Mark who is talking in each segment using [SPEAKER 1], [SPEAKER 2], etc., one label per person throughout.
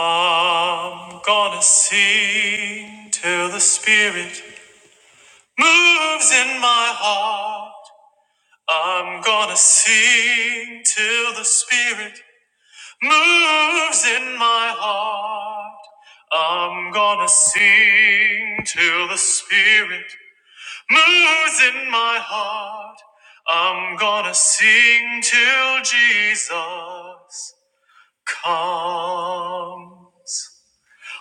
[SPEAKER 1] I'm gonna sing till the spirit moves in my heart. I'm gonna sing till the spirit moves in my heart. I'm gonna sing till the spirit moves in my heart. I'm gonna sing till Jesus comes.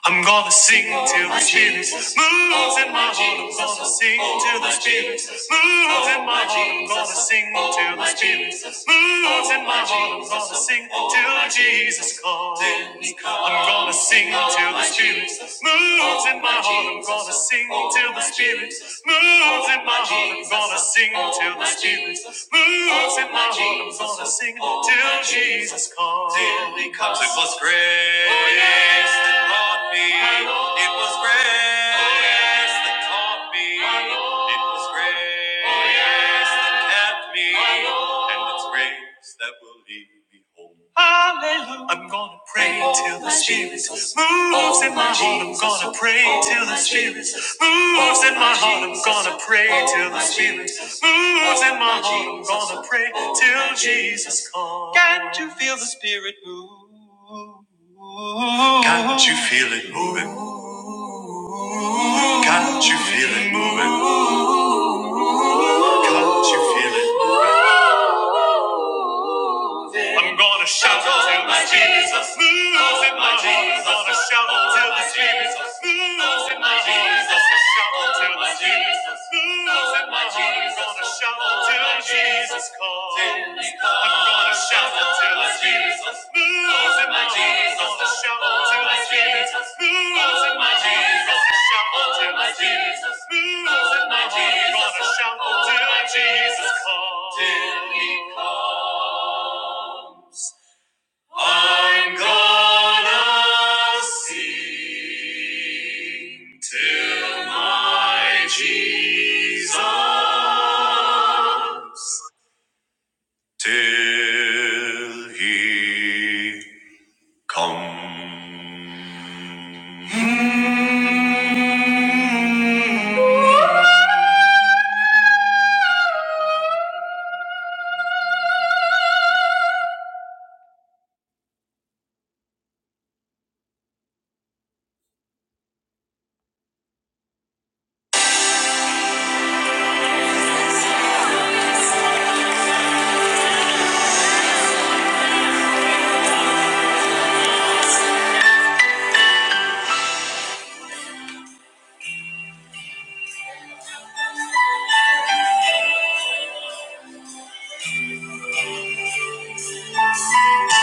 [SPEAKER 1] I'm gonna sing till the spirit moves in my heart. I'm gonna sing till the spirit moves in my heart. I'm gonna sing till the spirit moves in my heart. I'm gonna sing till Jesus calls. I'm gonna sing till the spirit moves in my heart. I'm gonna sing till the spirit moves in my heart. I'm gonna sing till the spirit moves in my heart. I'm gonna sing till Jesus calls. Till he comes. It was grace. Oh, yes taught me it was grace that taught me it was grace that kept me, and it's grace that will lead me home. Hallelujah. I'm gonna pray oh, till the Spirit Jesus. moves oh, in my heart. I'm gonna pray oh, till the Spirit Jesus. moves oh, in my heart. I'm gonna pray oh, till the Spirit Jesus. moves oh, in my heart. I'm gonna pray oh, till Jesus comes. Can't you feel the Spirit move? Can't you feel it moving? Can't you feel it moving? Can't you feel it? I'm gonna shout until my Jesus moves in my heart. I'm gonna shout until the Spirit moves in my heart. I'm gonna shout until the Spirit moves in my heart. I'm gonna shout until Jesus calls. I'm gonna shout until the Spirit moves in my heart. I'm gonna shout until the Spirit moves in my heart. I'm gonna shout until the Spirit moves in my heart. My Jesus, Gonna shout until my Jesus comes. Till he comes. I'm gonna sing till my Jesus, till he comes.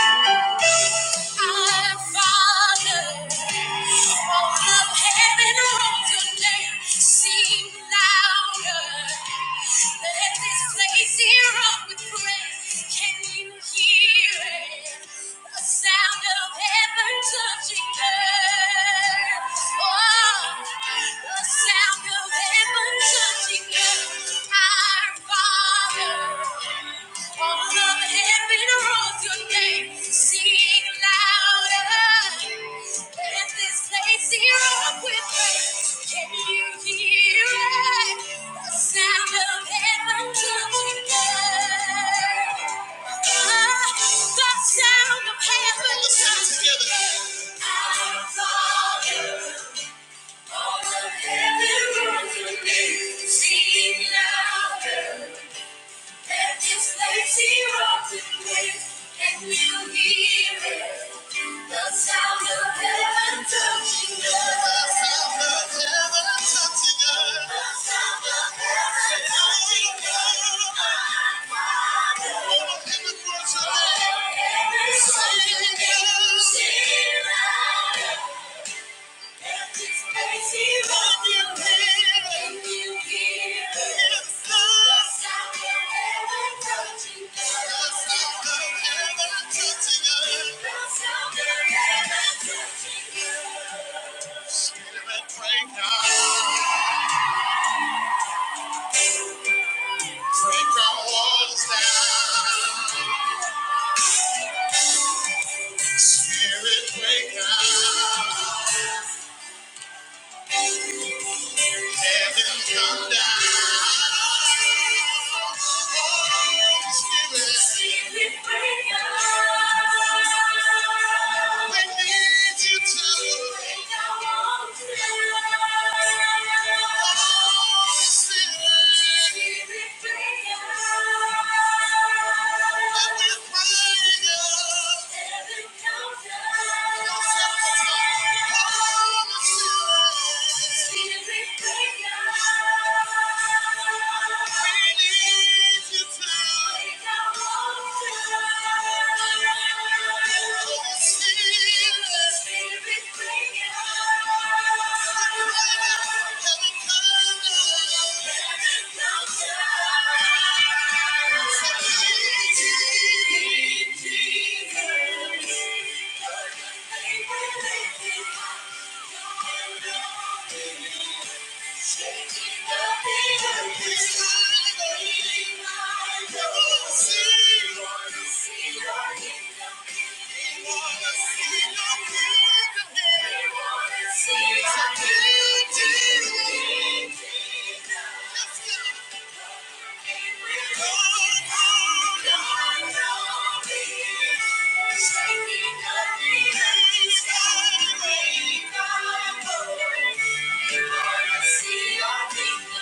[SPEAKER 1] Our Father, all of heaven, rolls your name, sing louder. Let this place hear up with praise. Can you hear it? The Sound of heaven touching earth. Oh, the sound of heaven touching earth. Our Sing louder. It's like zero to me, and we'll hear it. The sound of heaven touching earth. The sound of heaven touching earth. The sound of heaven touching earth. Our Father, who art in heaven, hallowed be thy Heaven come down. Thank you. Thank you. Thank you. Thank you.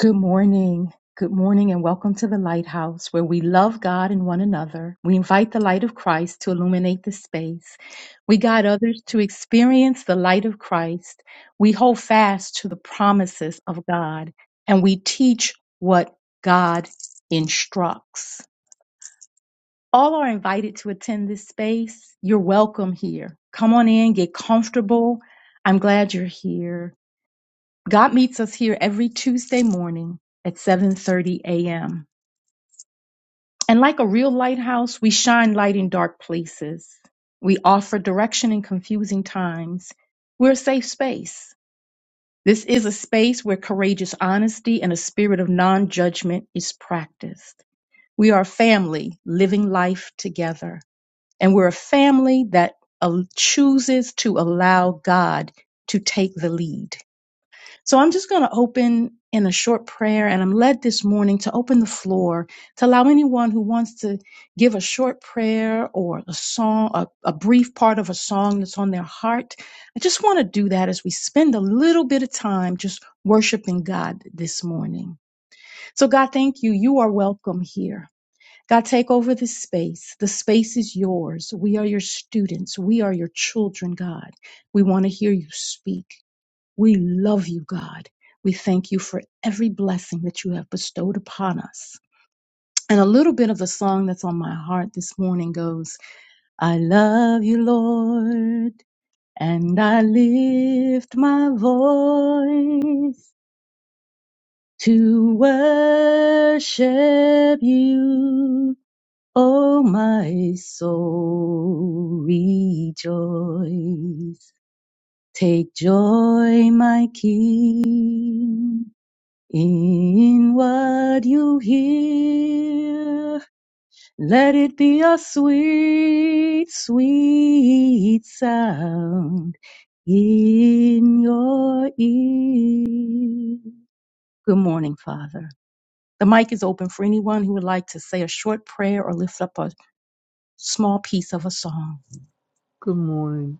[SPEAKER 2] Good morning. Good morning, and welcome to the Lighthouse, where we love God and one another. We invite the light of Christ to illuminate the space. We guide others to experience the light of Christ. We hold fast to the promises of God, and we teach what God instructs. All are invited to attend this space. You're welcome here. Come on in, get comfortable. I'm glad you're here. God meets us here every Tuesday morning at 7:30 a.m. And like a real lighthouse, we shine light in dark places. We offer direction in confusing times. We're a safe space. This is a space where courageous honesty and a spirit of non-judgment is practiced. We are a family living life together, and we're a family that uh, chooses to allow God to take the lead. So I'm just going to open in a short prayer, and I'm led this morning to open the floor to allow anyone who wants to give a short prayer or a song, a, a brief part of a song that's on their heart. I just want to do that as we spend a little bit of time just worshiping God this morning. So, God, thank you. You are welcome here. God, take over this space. The space is yours. We are your students. We are your children, God. We want to hear you speak. We love you, God. We thank you for every blessing that you have bestowed upon us. And a little bit of the song that's on my heart this morning goes, I love you, Lord, and I lift my voice to worship you. Oh, my soul, rejoice. Take joy, my King In what you hear, let it be a sweet, sweet sound in your ear. Good morning, Father. The mic is open for anyone who would like to say a short prayer or lift up a small piece of a song.
[SPEAKER 3] Good morning.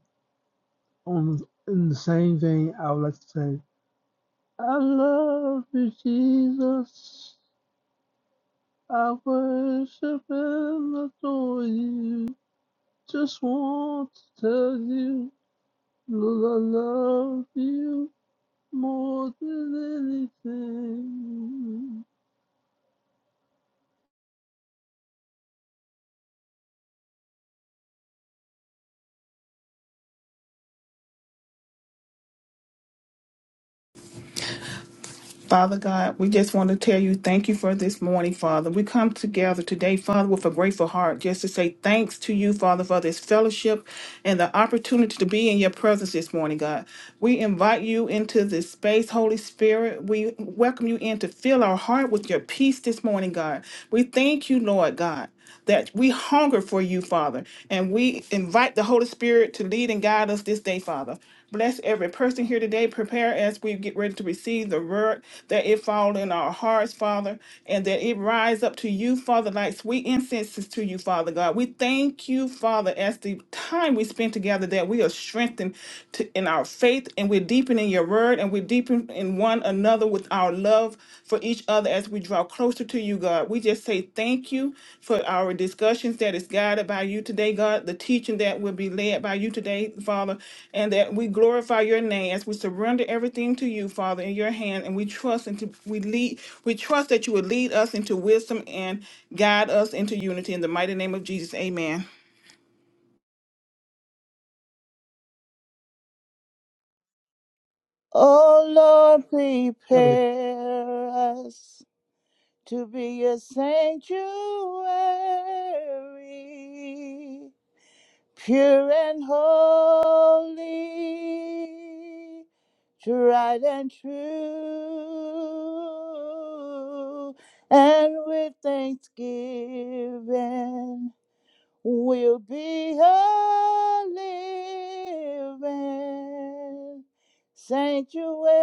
[SPEAKER 3] On in the same vein, I would like to say, I love you, Jesus. I worship and adore you. Just want to tell you, that I love you more than anything.
[SPEAKER 4] Father God, we just want to tell you thank you for this morning, Father. We come together today, Father, with a grateful heart just to say thanks to you, Father, for this fellowship and the opportunity to be in your presence this morning, God. We invite you into this space, Holy Spirit. We welcome you in to fill our heart with your peace this morning, God. We thank you, Lord God. That we hunger for you, Father, and we invite the Holy Spirit to lead and guide us this day, Father. Bless every person here today. Prepare as we get ready to receive the word, that it fall in our hearts, Father, and that it rise up to you, Father, like sweet incenses to you, Father God. We thank you, Father, as the time we spend together, that we are strengthened to, in our faith and we're deepening your word and we're deepening in one another with our love for each other Father, as we draw closer to you, God, we just say thank you for our discussions that is guided by you today, God, the teaching that will be led by you today, Father, and that we glorify your name as we surrender everything to you, Father, in your hand, and we trust and we lead, we trust that you will lead us into wisdom and guide us into unity in the mighty name of Jesus. Amen.
[SPEAKER 5] Oh Lord,
[SPEAKER 6] Heavenly,
[SPEAKER 5] prepare us to be a sanctuary, pure and holy, tried and true, and with thanksgiving will be a living sanctuary,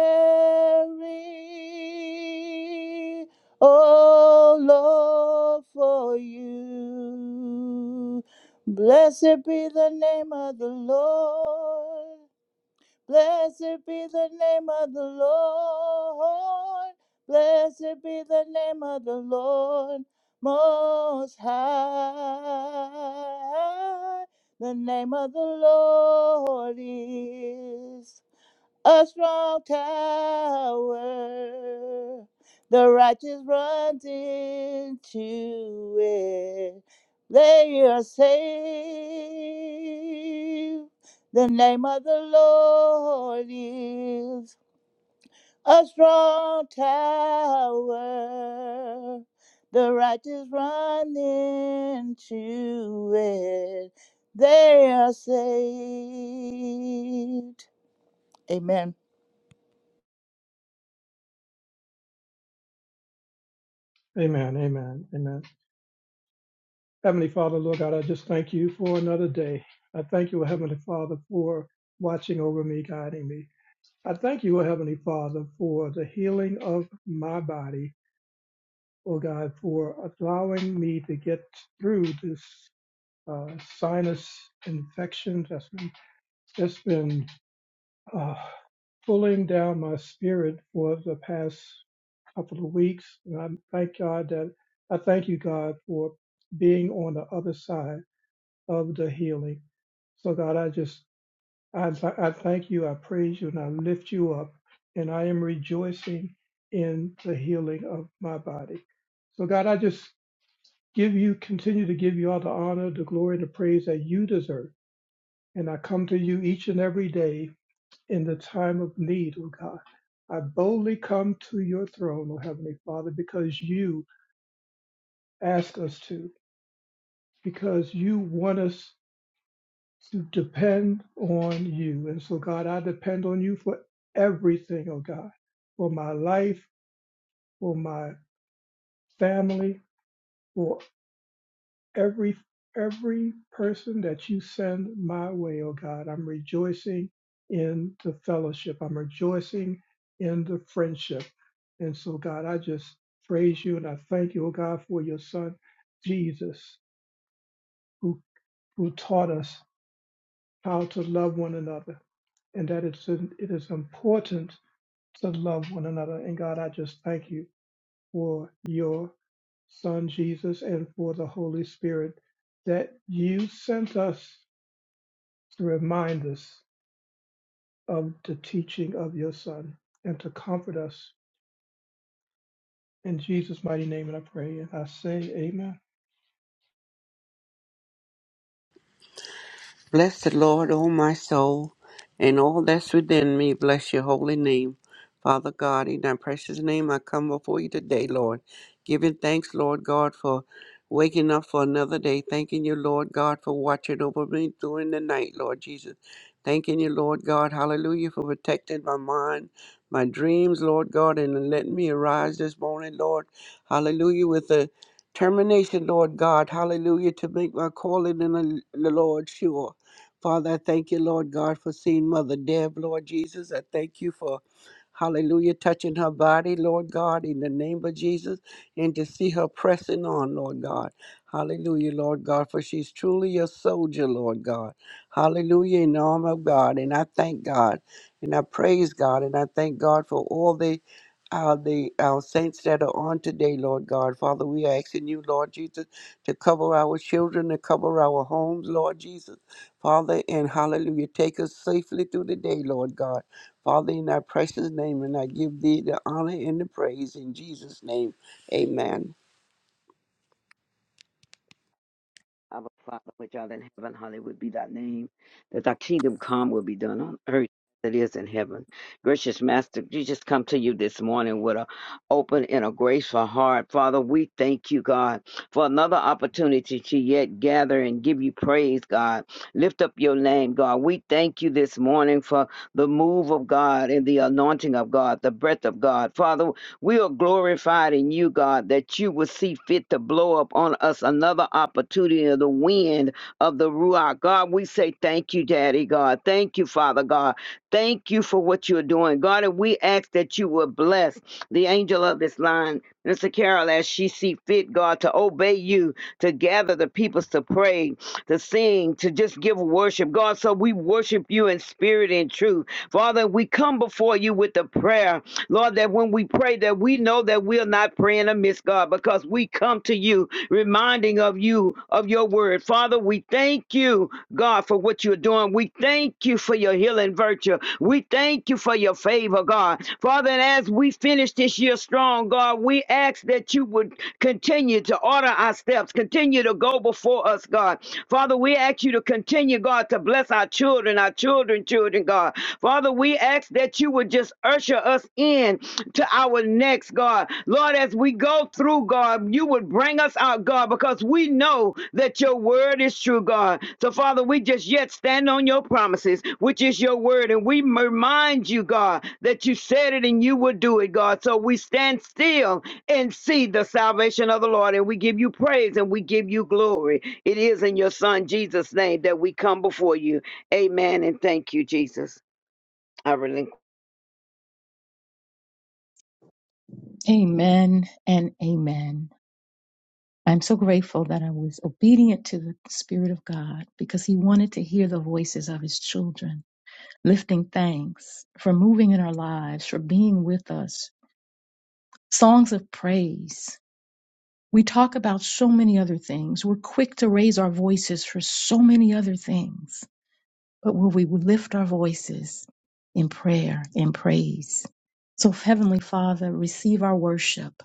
[SPEAKER 5] oh Lord, for you. Blessed be the name of the Lord. Blessed be the name of the Lord. Blessed be the name of the Lord Most High. The name of the Lord is a strong tower. The righteous runs into it. They are saved. The name of the Lord is a strong tower. The righteous run into it. They are saved. Amen.
[SPEAKER 6] amen, amen, amen. Heavenly Father, Lord God, I just thank you for another day. I thank you, Heavenly Father, for watching over me, guiding me. I thank you, Heavenly Father, for the healing of my body, oh God, for allowing me to get through this uh, sinus infection that's been, that's been uh, pulling down my spirit for the past couple of weeks. And I thank God that I thank you, God, for being on the other side of the healing. So, God, I just I, th- I thank you, I praise you, and I lift you up, and I am rejoicing in the healing of my body. So, God, I just give you continue to give you all the honor, the glory, and the praise that you deserve. And I come to you each and every day in the time of need, oh God. I boldly come to your throne, O Heavenly Father, because you ask us to because you want us to depend on you. And so, God, I depend on you for everything, oh God, for my life, for my family, for every every person that you send my way, oh God. I'm rejoicing in the fellowship. I'm rejoicing in the friendship. And so, God, I just praise you and I thank you, oh God, for your son, Jesus, who who taught us how to love one another, and that it's it is important to love one another. And God, I just thank you for your Son Jesus and for the Holy Spirit that you sent us to remind us of the teaching of your Son and to comfort us. In Jesus' mighty name, and I pray and I say, Amen.
[SPEAKER 7] Bless the Lord, O my soul, and all that's within me. Bless your holy name. Father God, in thy precious name, I come before you today, Lord, giving thanks, Lord God, for waking up for another day. Thanking you, Lord God, for watching over me during the night, Lord Jesus. Thanking you, Lord God, hallelujah, for protecting my mind, my dreams, Lord God, and letting me arise this morning, Lord. Hallelujah, with the termination, Lord God, hallelujah, to make my calling in the the Lord sure. Father, I thank you, Lord God, for seeing Mother Deb, Lord Jesus. I thank you for, hallelujah, touching her body, Lord God, in the name of Jesus, and to see her pressing on, Lord God. Hallelujah, Lord God, for she's truly a soldier, Lord God. Hallelujah, in the arm of God. And I thank God, and I praise God, and I thank God for all that our, the, our saints that are on today, Lord God. Father, we are asking you, Lord Jesus, to cover our children, to cover our homes, Lord Jesus. Father, and hallelujah, take us safely through the day, Lord God. Father, in thy precious name, and I give thee the honor and the praise in Jesus' name. Amen.
[SPEAKER 8] Our Father, which art in heaven, hallowed would be thy name. That thy kingdom come will be done on earth as it is in heaven. Gracious Master, we just come to you this morning with an open and a graceful heart. Father, we thank you, God, for another opportunity to yet gather and give you praise, God. Lift up your name, God. We thank you this morning for the move of God and the anointing of God, the breath of God. Father, we are glorified in you, God, that you will see fit to blow up on us another opportunity of the wind of the Ruach. God, we say thank you, Daddy God. Thank you, Father God. Thank you for what you're doing. God, and we ask that you will bless the angel of this line, Mr. Carol, as she see fit, God, to obey you, to gather the peoples to pray, to sing, to just give worship. God, so we worship you in spirit and truth. Father, we come before you with the prayer Lord, that when we pray, that we know that we are not praying amiss, God, because we come to you reminding of you of your word. Father, we thank you, God, for what you're doing. We thank you for your healing virtue. We thank you for your favor, God. Father, and as we finish this year strong, God, we ask that you would continue to order our steps, continue to go before us, God. Father, we ask you to continue, God, to bless our children, our children, children, God. Father, we ask that you would just usher us in to our next, God. Lord, as we go through, God, you would bring us out, God, because we know that your word is true, God. So, Father, we just yet stand on your promises, which is your word, and we remind you, God, that you said it and you will do it, God. So we stand still and see the salvation of the Lord, and we give you praise and we give you glory. It is in your Son, Jesus' name, that we come before you. Amen, and thank you, Jesus. I relinquish.
[SPEAKER 2] Amen and amen. I'm so grateful that I was obedient to the Spirit of God because He wanted to hear the voices of His children. lifting thanks for moving in our lives, for being with us, songs of praise. We talk about so many other things. We're quick to raise our voices for so many other things. But will we lift our voices in prayer and praise? So, Heavenly Father, receive our worship.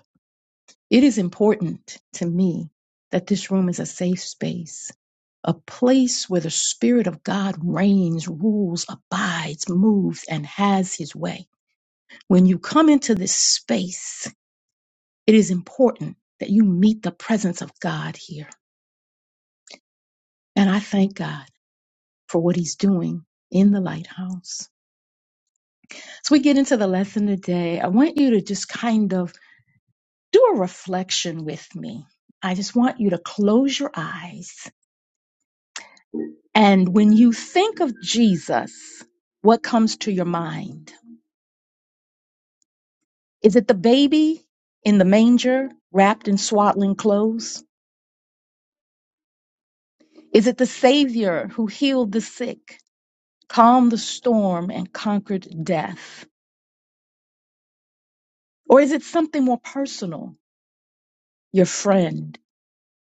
[SPEAKER 2] It is important to me that this room is a safe space, a place where the Spirit of God reigns, rules, abides, moves, and has his way. When you come into this space, it is important that you meet the presence of God here. And I thank God for what he's doing in the lighthouse. So we get into the lesson today. I want you to just kind of do a reflection with me. I just want you to close your eyes. And when you think of Jesus, what comes to your mind? Is it the baby in the manger wrapped in swaddling clothes? Is it the Savior who healed the sick? calmed the storm and conquered death? Or is it something more personal? Your friend,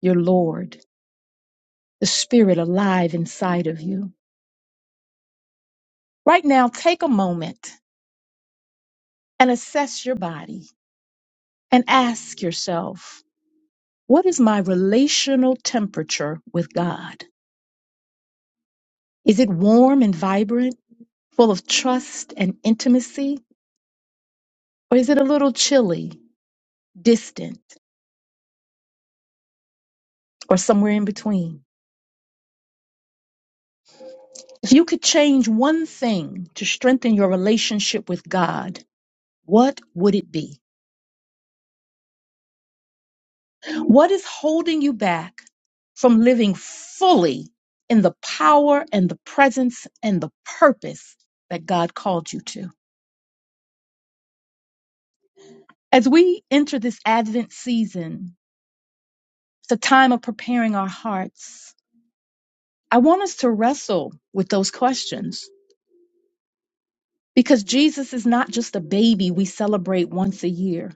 [SPEAKER 2] your Lord, the Spirit alive inside of you. Right now, take a moment and assess your body and ask yourself, what is my relational temperature with God? Is it warm and vibrant, full of trust and intimacy? Or is it a little chilly, distant, or somewhere in between? If you could change one thing to strengthen your relationship with God, what would it be? What is holding you back from living fully in the power and the presence and the purpose that God called you to? As we enter this Advent season, it's a time of preparing our hearts. I want us to wrestle with those questions because Jesus is not just a baby we celebrate once a year.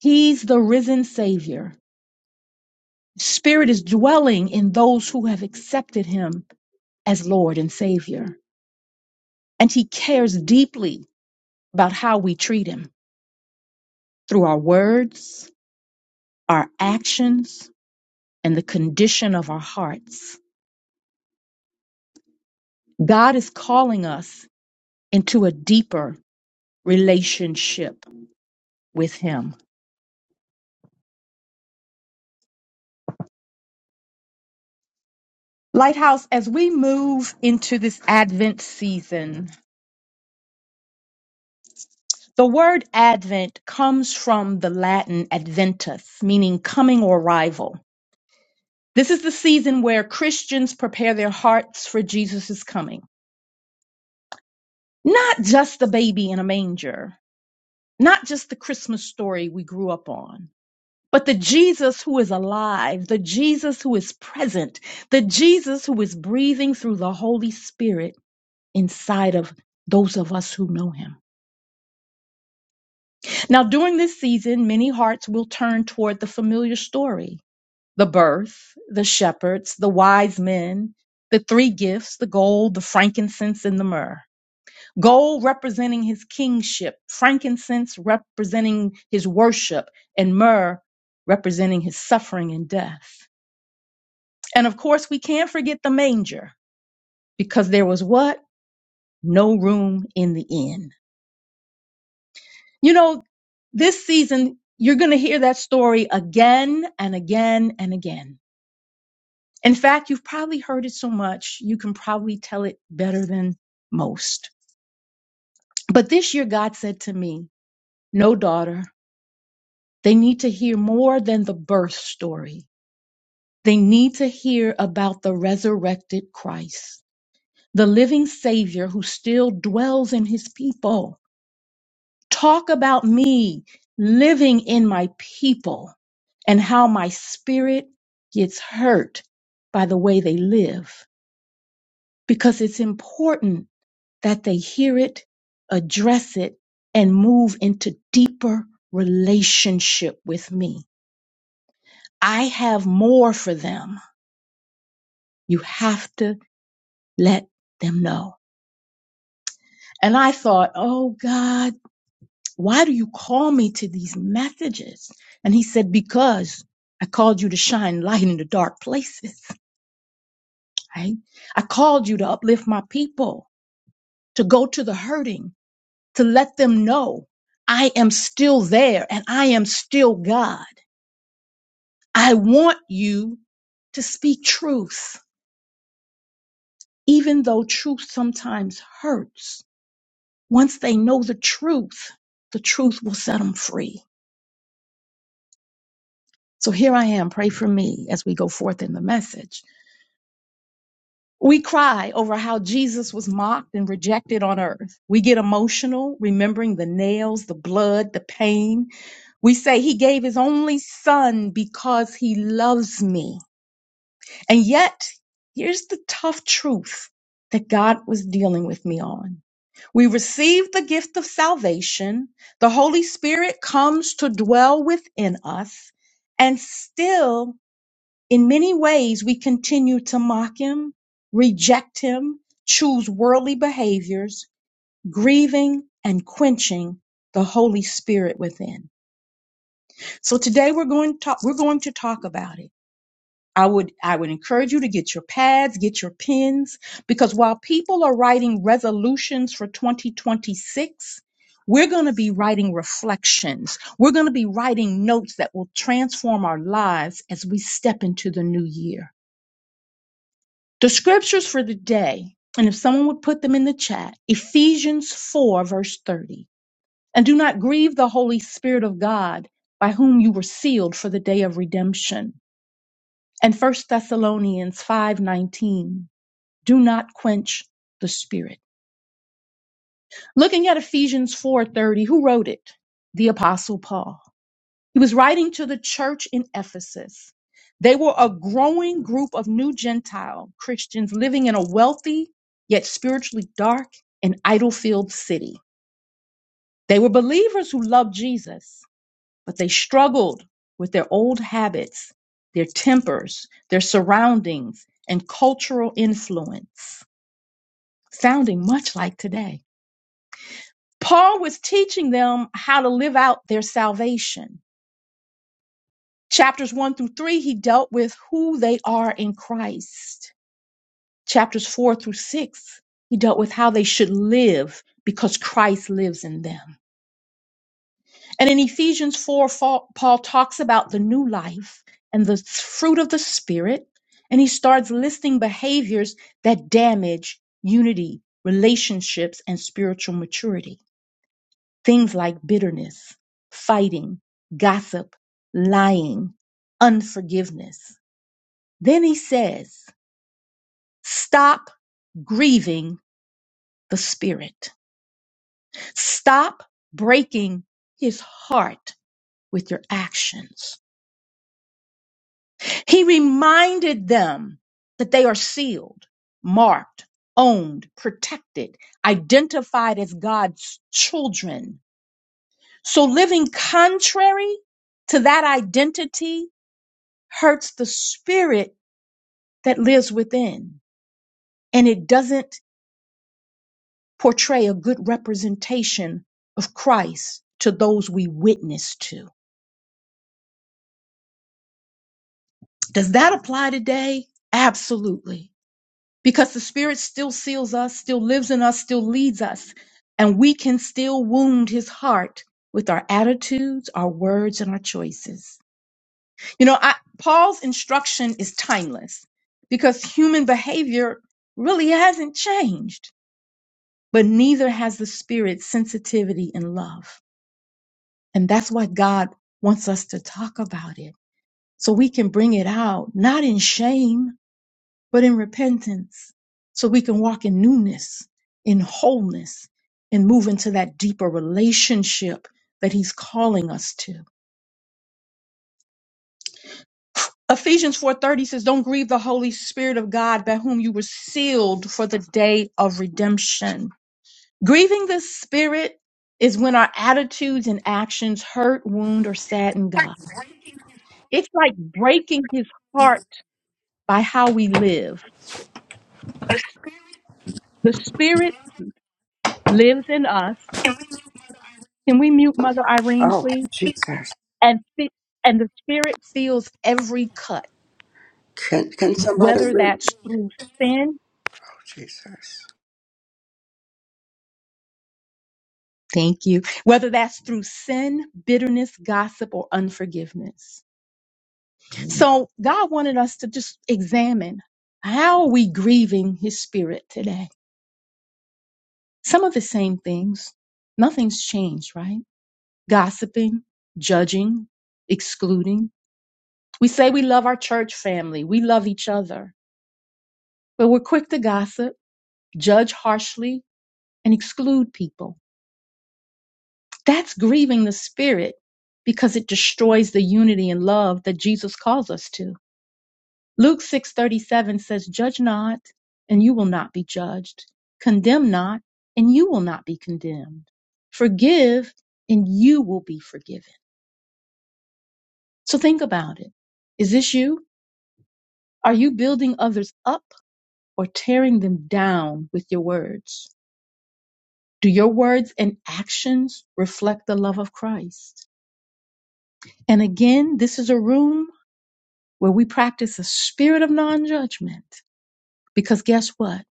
[SPEAKER 2] He's the risen Savior Spirit is dwelling in those who have accepted him as Lord and Savior. And he cares deeply about how we treat him through our words, our actions, and the condition of our hearts. God is calling us into a deeper relationship with him. Lighthouse, as we move into this Advent season, the word Advent comes from the Latin adventus, meaning coming or arrival. This is the season where Christians prepare their hearts for Jesus' coming. Not just the baby in a manger, not just the Christmas story we grew up on, but the Jesus who is alive, the Jesus who is present, the Jesus who is breathing through the Holy Spirit inside of those of us who know him. Now, during this season, many hearts will turn toward the familiar story the birth, the shepherds, the wise men, the three gifts, the gold, the frankincense, and the myrrh. Gold representing his kingship, frankincense representing his worship, and myrrh representing his suffering and death. And of course, we can't forget the manger because there was what? No room in the inn. You know, this season, you're going to hear that story again and again and again In fact, you've probably heard it so much, you can probably tell it better than most. But this year, God said to me, No, daughter, they need to hear more than the birth story. They need to hear about the resurrected Christ, the living Savior who still dwells in his people. Talk about me living in my people and how my spirit gets hurt by the way they live because it's important that they hear it, address it, and move into deeper relationship with me. I have more for them. You have to let them know. And I thought, oh God, why do you call me to these messages? And he said, because I called you to shine light in the dark places, right? I called you to uplift my people, to go to the hurting, to let them know I am still there and I am still God. I want you to speak truth, even though truth sometimes hurts. Once they know the truth, the truth will set them free. So here I am. Pray for me as we go forth in the message. We cry over how Jesus was mocked and rejected on earth. We get emotional, remembering the nails, the blood, the pain. We say he gave his only son because he loves me. And yet, here's the tough truth that God was dealing with me on. We receive the gift of salvation, the Holy Spirit comes to dwell within us, and still, in many ways, we continue to mock Him, reject Him, choose worldly behaviors, grieving and quenching the Holy Spirit within. So today we're going to talk, we're going to talk about it I would I would encourage you to get your pads, get your pens because while people are writing resolutions for 2026, we're going to be writing reflections. We're going to be writing notes that will transform our lives as we step into the new year. The scriptures for the day, and if someone would put them in the chat, Ephesians 4 verse 30. And do not grieve the Holy Spirit of God by whom you were sealed for the day of redemption and First Thessalonians 5:19 do not quench the spirit looking at Ephesians 4:30 who wrote it the apostle Paul he was writing to the church in Ephesus they were a growing group of new gentile christians living in a wealthy yet spiritually dark and idol-filled city they were believers who loved Jesus but they struggled with their old habits, their tempers, their surroundings, and cultural influence, sounding much like today. Paul was teaching them how to live out their salvation. Chapters 1 through 3, he dealt with who they are in Christ. Chapters 4 through 6, he dealt with how they should live because Christ lives in them. And in Ephesians 4, Paul talks about the new life and the fruit of the Spirit. And he starts listing behaviors that damage unity, relationships, and spiritual maturity. Things like bitterness, fighting, gossip, lying, unforgiveness. Then he says, stop grieving the Spirit. Stop breaking his heart with your actions He reminded them that they are sealed, marked, owned, protected, identified as God's children. So living contrary to that identity hurts the spirit that lives within, and it doesn't portray a good representation of Christ to those we witness to. Does that apply today? Absolutely. because the Spirit still seals us, still lives in us, still leads us, and we can still wound his heart with our attitudes, our words, and our choices. You know, I, Paul's instruction is timeless because human behavior really hasn't changed, but neither has the Spirit's sensitivity and love. And that's why God wants us to talk about it so we can bring it out, not in shame but in repentance so we can walk in newness, in wholeness, and move into that deeper relationship that he's calling us to. Ephesians 4:30 says, "Don't grieve the Holy Spirit of God by whom you were sealed for the day of redemption." Grieving the Spirit is when our attitudes and actions hurt, wound, or sadden God. It's like breaking his heart by how we live. The Spirit lives in us. Can we mute Mother Irene,
[SPEAKER 7] Oh,
[SPEAKER 2] please?
[SPEAKER 7] Jesus.
[SPEAKER 2] and fi- and the spirit feels every cut
[SPEAKER 7] Can, can somebody?
[SPEAKER 2] whether
[SPEAKER 7] rem-
[SPEAKER 2] that's through sin
[SPEAKER 7] Oh, Jesus.
[SPEAKER 2] thank you whether that's through sin bitterness gossip or unforgiveness so god wanted us to just examine how are we grieving his spirit today some of the same things nothing's changed right gossiping judging excluding we say we love our church family we love each other but we're quick to gossip judge harshly and exclude people That's grieving the spirit because it destroys the unity and love that Jesus calls us to. Luke 6:37 says, "Judge not, and you will not be judged. Condemn not, and you will not be condemned. Forgive, and you will be forgiven." So think about it. Is this you? Are you building others up or tearing them down with your words? Do your words and actions reflect the love of Christ? And again, this is a room where we practice a spirit of non judgment. Because guess what?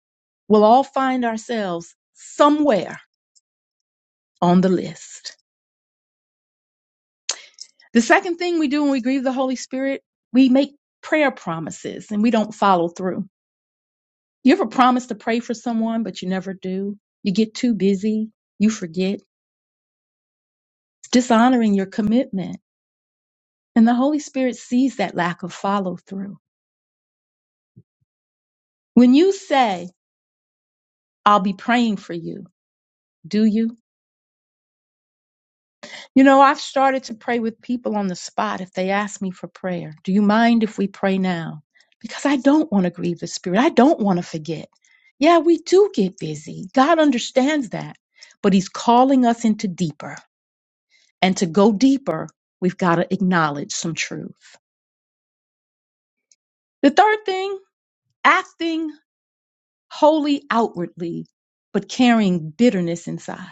[SPEAKER 2] We'll all find ourselves somewhere on the list. The second thing we do when we grieve the Holy Spirit, we make prayer promises and we don't follow through. You ever promise to pray for someone, but you never do? You get too busy, you forget. It's dishonoring your commitment. And the Holy Spirit sees that lack of follow through. When you say, I'll be praying for you, do you? You know, I've started to pray with people on the spot if they ask me for prayer. Do you mind if we pray now? Because I don't want to grieve the Spirit. I don't want to forget. Yeah, we do get busy. God understands that. But He's calling us into deeper. And to go deeper, we've got to acknowledge some truth. The third thing, acting wholly outwardly, but carrying bitterness inside.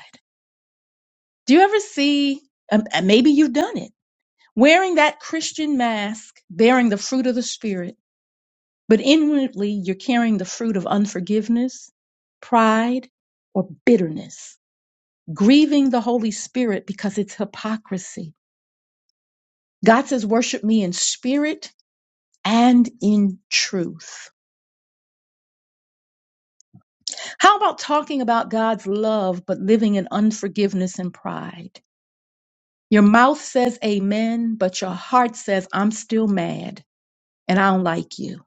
[SPEAKER 2] Do you ever see, and and maybe you've done it? Wearing that Christian mask, bearing the fruit of the Spirit, but inwardly you're carrying the fruit of unforgiveness, pride, or bitterness, grieving the Holy Spirit because it's hypocrisy. God says, Worship me in spirit and in truth. How about talking about God's love, but living in unforgiveness and pride? Your mouth says amen, but your heart says, I'm still mad and I don't like you.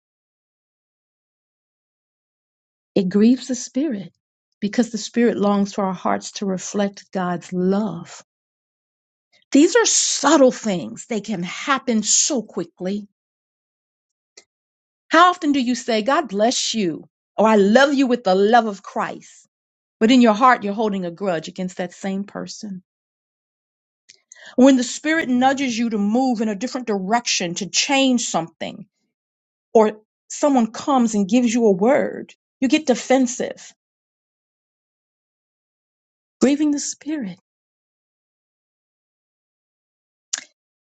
[SPEAKER 2] It grieves the spirit because the spirit longs for our hearts to reflect God's love. These are subtle things. They can happen so quickly. How often do you say, God bless you, or I love you with the love of Christ? But in your heart, you're holding a grudge against that same person. When the spirit nudges you to move in a different direction, to change something, or someone comes and gives you a word, you get defensive, grieving the spirit.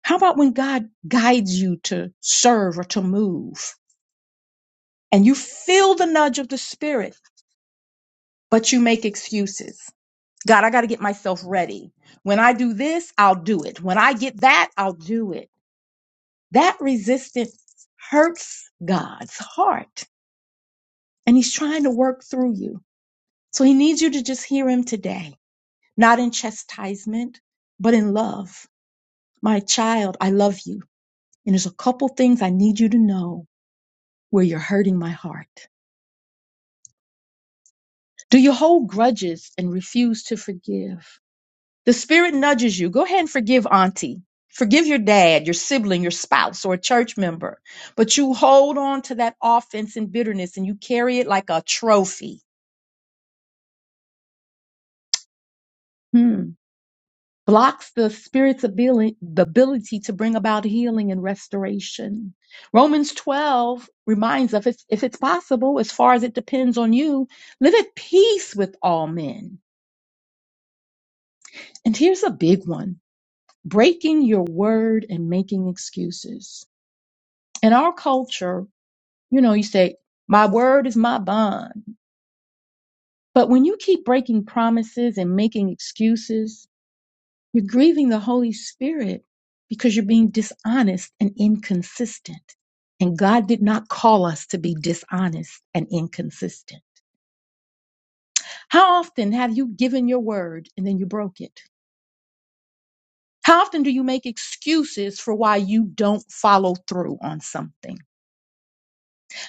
[SPEAKER 2] How about when God guides you to serve or to move and you feel the nudge of the spirit, but you make excuses? God, I got to get myself ready. When I do this, I'll do it. When I get that, I'll do it. That resistance hurts God's heart and he's trying to work through you. So he needs you to just hear him today, not in chastisement, but in love. My child, I love you. And there's a couple things I need you to know where you're hurting my heart. Do you hold grudges and refuse to forgive? The spirit nudges you. Go ahead and forgive auntie. Forgive your dad, your sibling, your spouse, or a church member. But you hold on to that offense and bitterness and you carry it like a trophy. Hmm. Blocks the spirit's abili- the ability to bring about healing and restoration. Romans 12 reminds us if it's, if it's possible, as far as it depends on you, live at peace with all men. And here's a big one breaking your word and making excuses. In our culture, you know, you say, my word is my bond. But when you keep breaking promises and making excuses, you're grieving the Holy Spirit because you're being dishonest and inconsistent. And God did not call us to be dishonest and inconsistent. How often have you given your word and then you broke it? How often do you make excuses for why you don't follow through on something?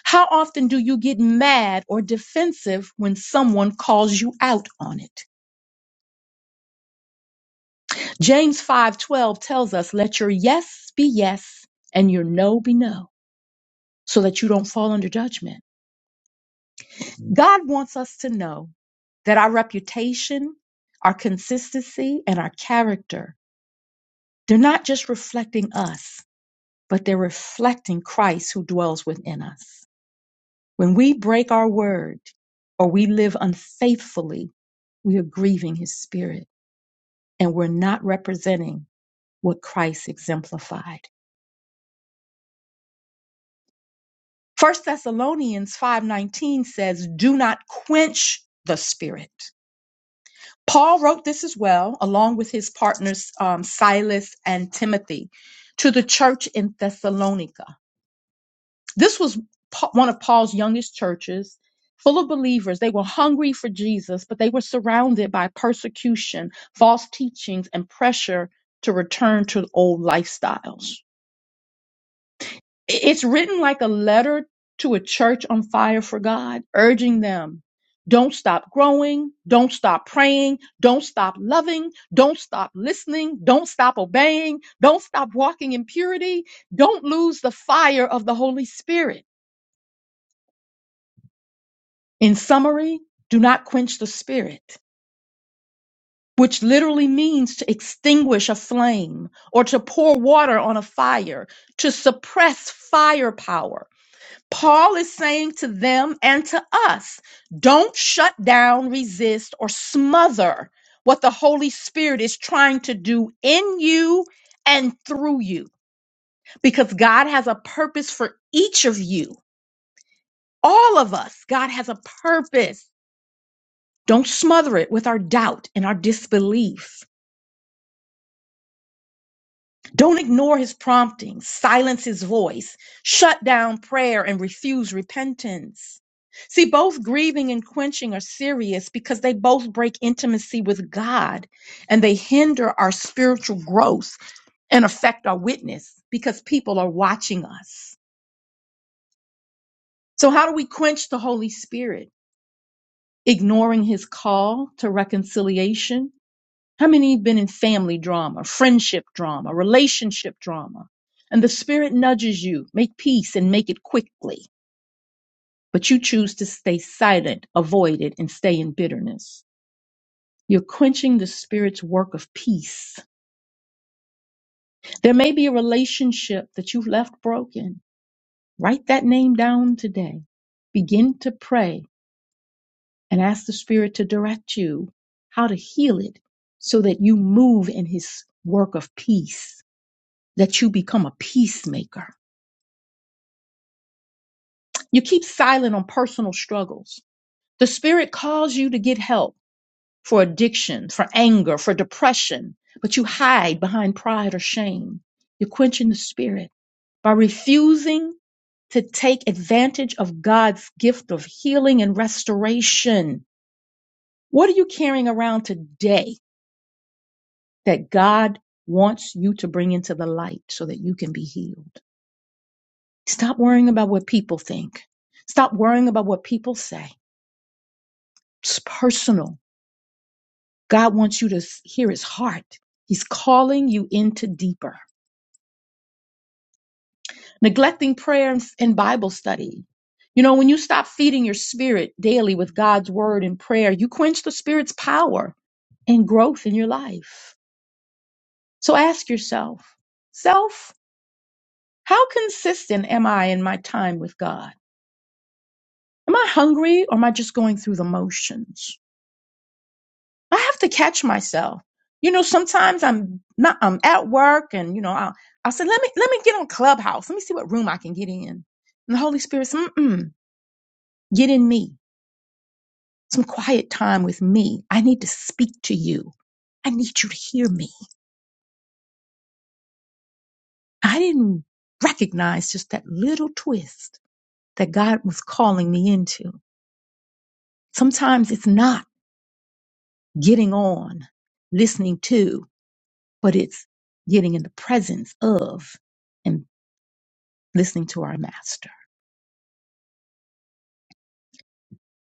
[SPEAKER 2] How often do you get mad or defensive when someone calls you out on it? James 5:12 tells us, "Let your yes be yes and your no be no, so that you don't fall under judgment." God wants us to know that our reputation, our consistency, and our character, they're not just reflecting us, but they're reflecting Christ who dwells within us. When we break our word or we live unfaithfully, we are grieving his spirit. and we're not representing what Christ exemplified. First Thessalonians 5:19 says, "Do not quench the spirit." Paul wrote this as well, along with his partners um, Silas and Timothy, to the church in Thessalonica. This was Pa- one of Paul's youngest churches, full of believers. They were hungry for Jesus, but they were surrounded by persecution, false teachings, and pressure to return to old lifestyles. It's written like a letter to a church on fire for God, urging them don't stop growing, don't stop praying, don't stop loving, don't stop listening, don't stop obeying, don't stop walking in purity, don't lose the fire of the Holy Spirit. In summary, do not quench the Spirit, which literally means to extinguish a flame or to pour water on a fire, to suppress firepower Paul is saying to them and to us don't shut down, resist, or smother what the Holy Spirit is trying to do in you and through you because God has a purpose for each of you, all of us. God has a purpose. Don't smother it with our doubt and our disbelief. Don't ignore his promptings, silence his voice, shut down prayer, and refuse repentance. See, both grieving and quenching are serious because they both break intimacy with God and they hinder our spiritual growth and affect our witness because people are watching us. So, how do we quench the Holy Spirit? Ignoring his call to reconciliation, How many have been in family drama, friendship drama, relationship drama? And the spirit nudges you, make peace and make it quickly. But you choose to stay silent, avoid it, and stay in bitterness. You're quenching the spirit's work of peace. There may be a relationship that you've left broken. Write that name down today. Begin to pray and ask the spirit to direct you how to heal it so that you move in his work of peace that you become a peacemaker. You keep silent on personal struggles. The Spirit calls you to get help for addiction, for anger, for depression, but you hide behind pride or shame. You're quenching the Spirit by refusing to take advantage of God's gift of healing and restoration. What are you carrying around today that God wants you to bring into the light so that you can be healed? Stop worrying about what people think. Stop worrying about what people say. It's personal. God wants you to s- hear his heart. He's calling you into deeper. Neglecting prayer and, and Bible study. You know, when you stop feeding your spirit daily with God's word and prayer, you quench the spirit's power and growth in your life. So ask yourself, self, how consistent am I in my time with God? Am I hungry or am I just going through the motions? I have to catch myself. You know, sometimes I'm not I'm at work and you know, I'll I'll say, let me let me get on Clubhouse. Let me see what room I can get in. And the Holy Spirit says, Mm-mm, get in me. Some quiet time with me. I need to speak to you. I need you to hear me. I didn't recognize just that little twist that God was calling me into. Sometimes it's not getting on, listening to, but it's getting in the presence of listening to our master.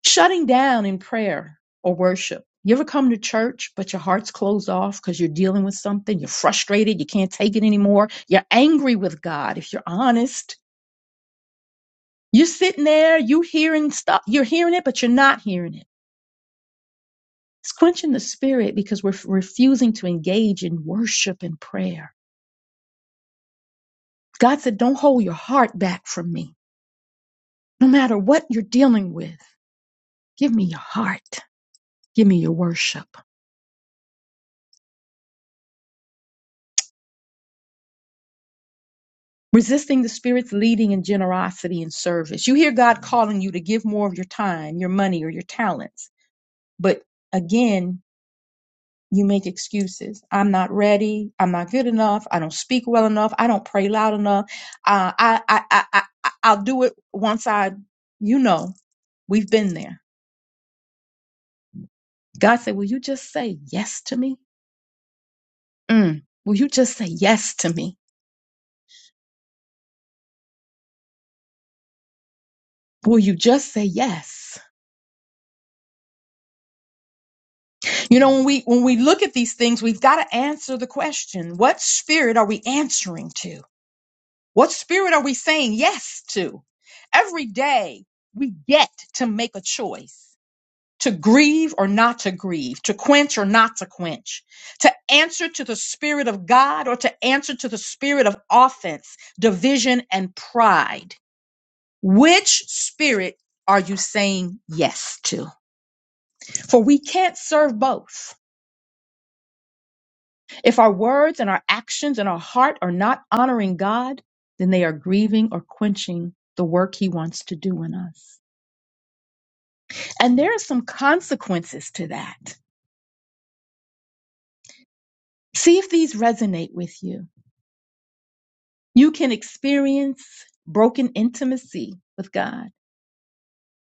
[SPEAKER 2] Shutting down in prayer or worship. You ever come to church, but your heart's closed off because you're dealing with something? You're frustrated. You can't take it anymore. You're angry with God. If you're honest, you're sitting there, you hearing stuff, you're hearing it, but you're not hearing it. It's quenching the spirit because we're refusing to engage in worship and prayer. God said, don't hold your heart back from me. No matter what you're dealing with, give me your heart. Give me your worship. resisting the spirit's leading in generosity and service. You hear God calling you to give more of your time, your money, or your talents. But again, you make excuses. I'm not ready. I'm not good enough. I don't speak well enough. I don't pray loud enough. Uh, I, I, I, I, I- I'll do it once I, you know, we've been there. God said, Will you just say yes to me? Mm. Will you just say yes to me? Will you just say yes? You know, when we when we look at these things, we've got to answer the question, what spirit are we answering to? What spirit are we saying yes to? Every day we get to make a choice to grieve or not to grieve, to quench or not to quench, to answer to the spirit of God or to answer to the spirit of offense, division and pride. Which spirit are you saying yes to? For we can't serve both. If our words and our actions and our heart are not honoring God, then they are grieving or quenching the work He wants to do in us. And there are some consequences to that. See if these resonate with you. You can experience broken intimacy with God.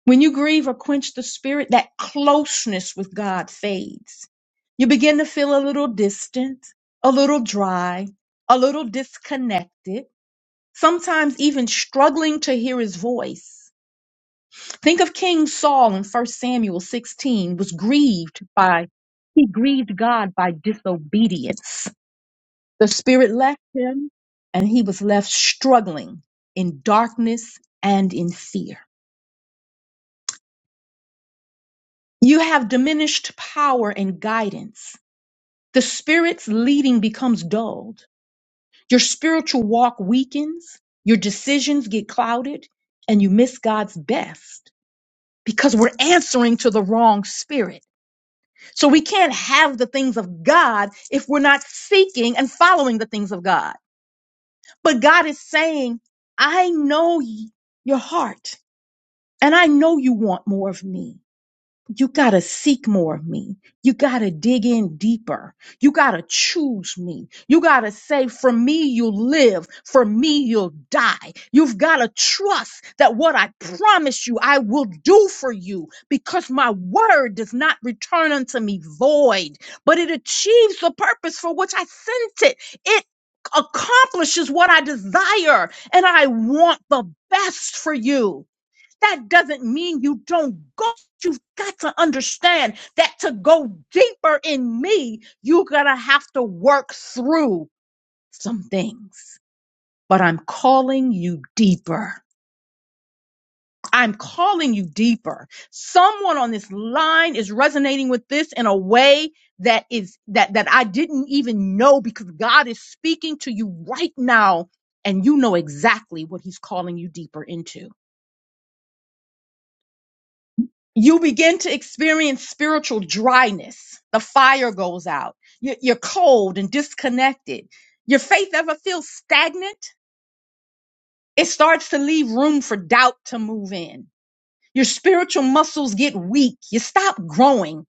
[SPEAKER 2] When you grieve or quench the spirit, that closeness with God fades. You begin to feel a little distant, a little dry, a little disconnected sometimes even struggling to hear his voice. Think of King Saul in 1 Samuel 16 was grieved by he grieved God by disobedience. The spirit left him and he was left struggling in darkness and in fear. You have diminished power and guidance. The spirit's leading becomes dulled. Your spiritual walk weakens, your decisions get clouded, and you miss God's best. because we're answering to the wrong spirit. So we can't have the things of God if we're not seeking and following the things of God. But God is saying, I know y- your heart and I know you want more of me. You got to seek more of me. You got to dig in deeper. You got to choose me. You got to say, for me, you'll live. For me, you'll die. You've got to trust that what I promise you, I will do for you because my word does not return unto me void, but it achieves the purpose for which I sent it. It accomplishes what I desire and I want the best for you that doesn't mean you don't go. You've got to understand that to go deeper in me, you're going to have to work through some things. But I'm calling you deeper. I'm calling you deeper. Someone on this line is resonating with this in a way that is that that I didn't even know because God is speaking to you right now and you know exactly what he's calling you deeper into. you begin to experience spiritual dryness. The fire goes out. You- You're cold and disconnected. Your faith ever feels stagnant? It starts to leave room for doubt to move in. Your spiritual muscles get weak. You stop growing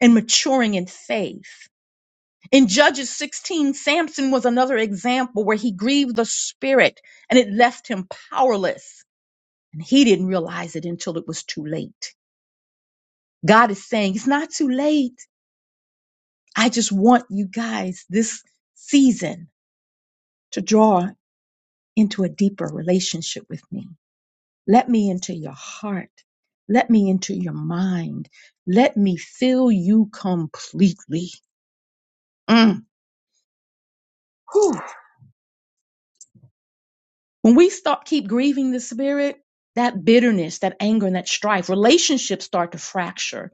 [SPEAKER 2] and maturing in faith. In Judges 16, Samson was another example where he grieved the spirit and it left him powerless. And he didn't realize it until it was too late. God is saying, it's not too late. I just want you guys this season to draw into a deeper relationship with me. Let me into your heart. Let me into your mind. Let me fill you completely. Mm. Whew. When we start keep grieving the spirit, that bitterness, that anger, and that strife, relationships start to fracture.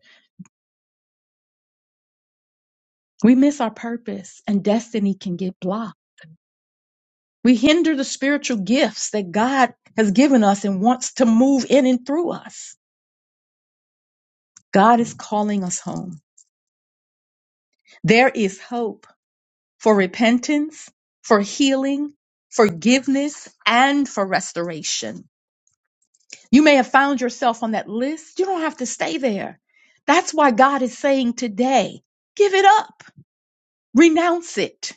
[SPEAKER 2] We miss our purpose and destiny can get blocked. We hinder the spiritual gifts that God has given us and wants to move in and through us God is calling us home. There is hope for repentance, for healing, forgiveness, and for restoration. You may have found yourself on that list. You don't have to stay there. That's why God is saying today, give it up, renounce it.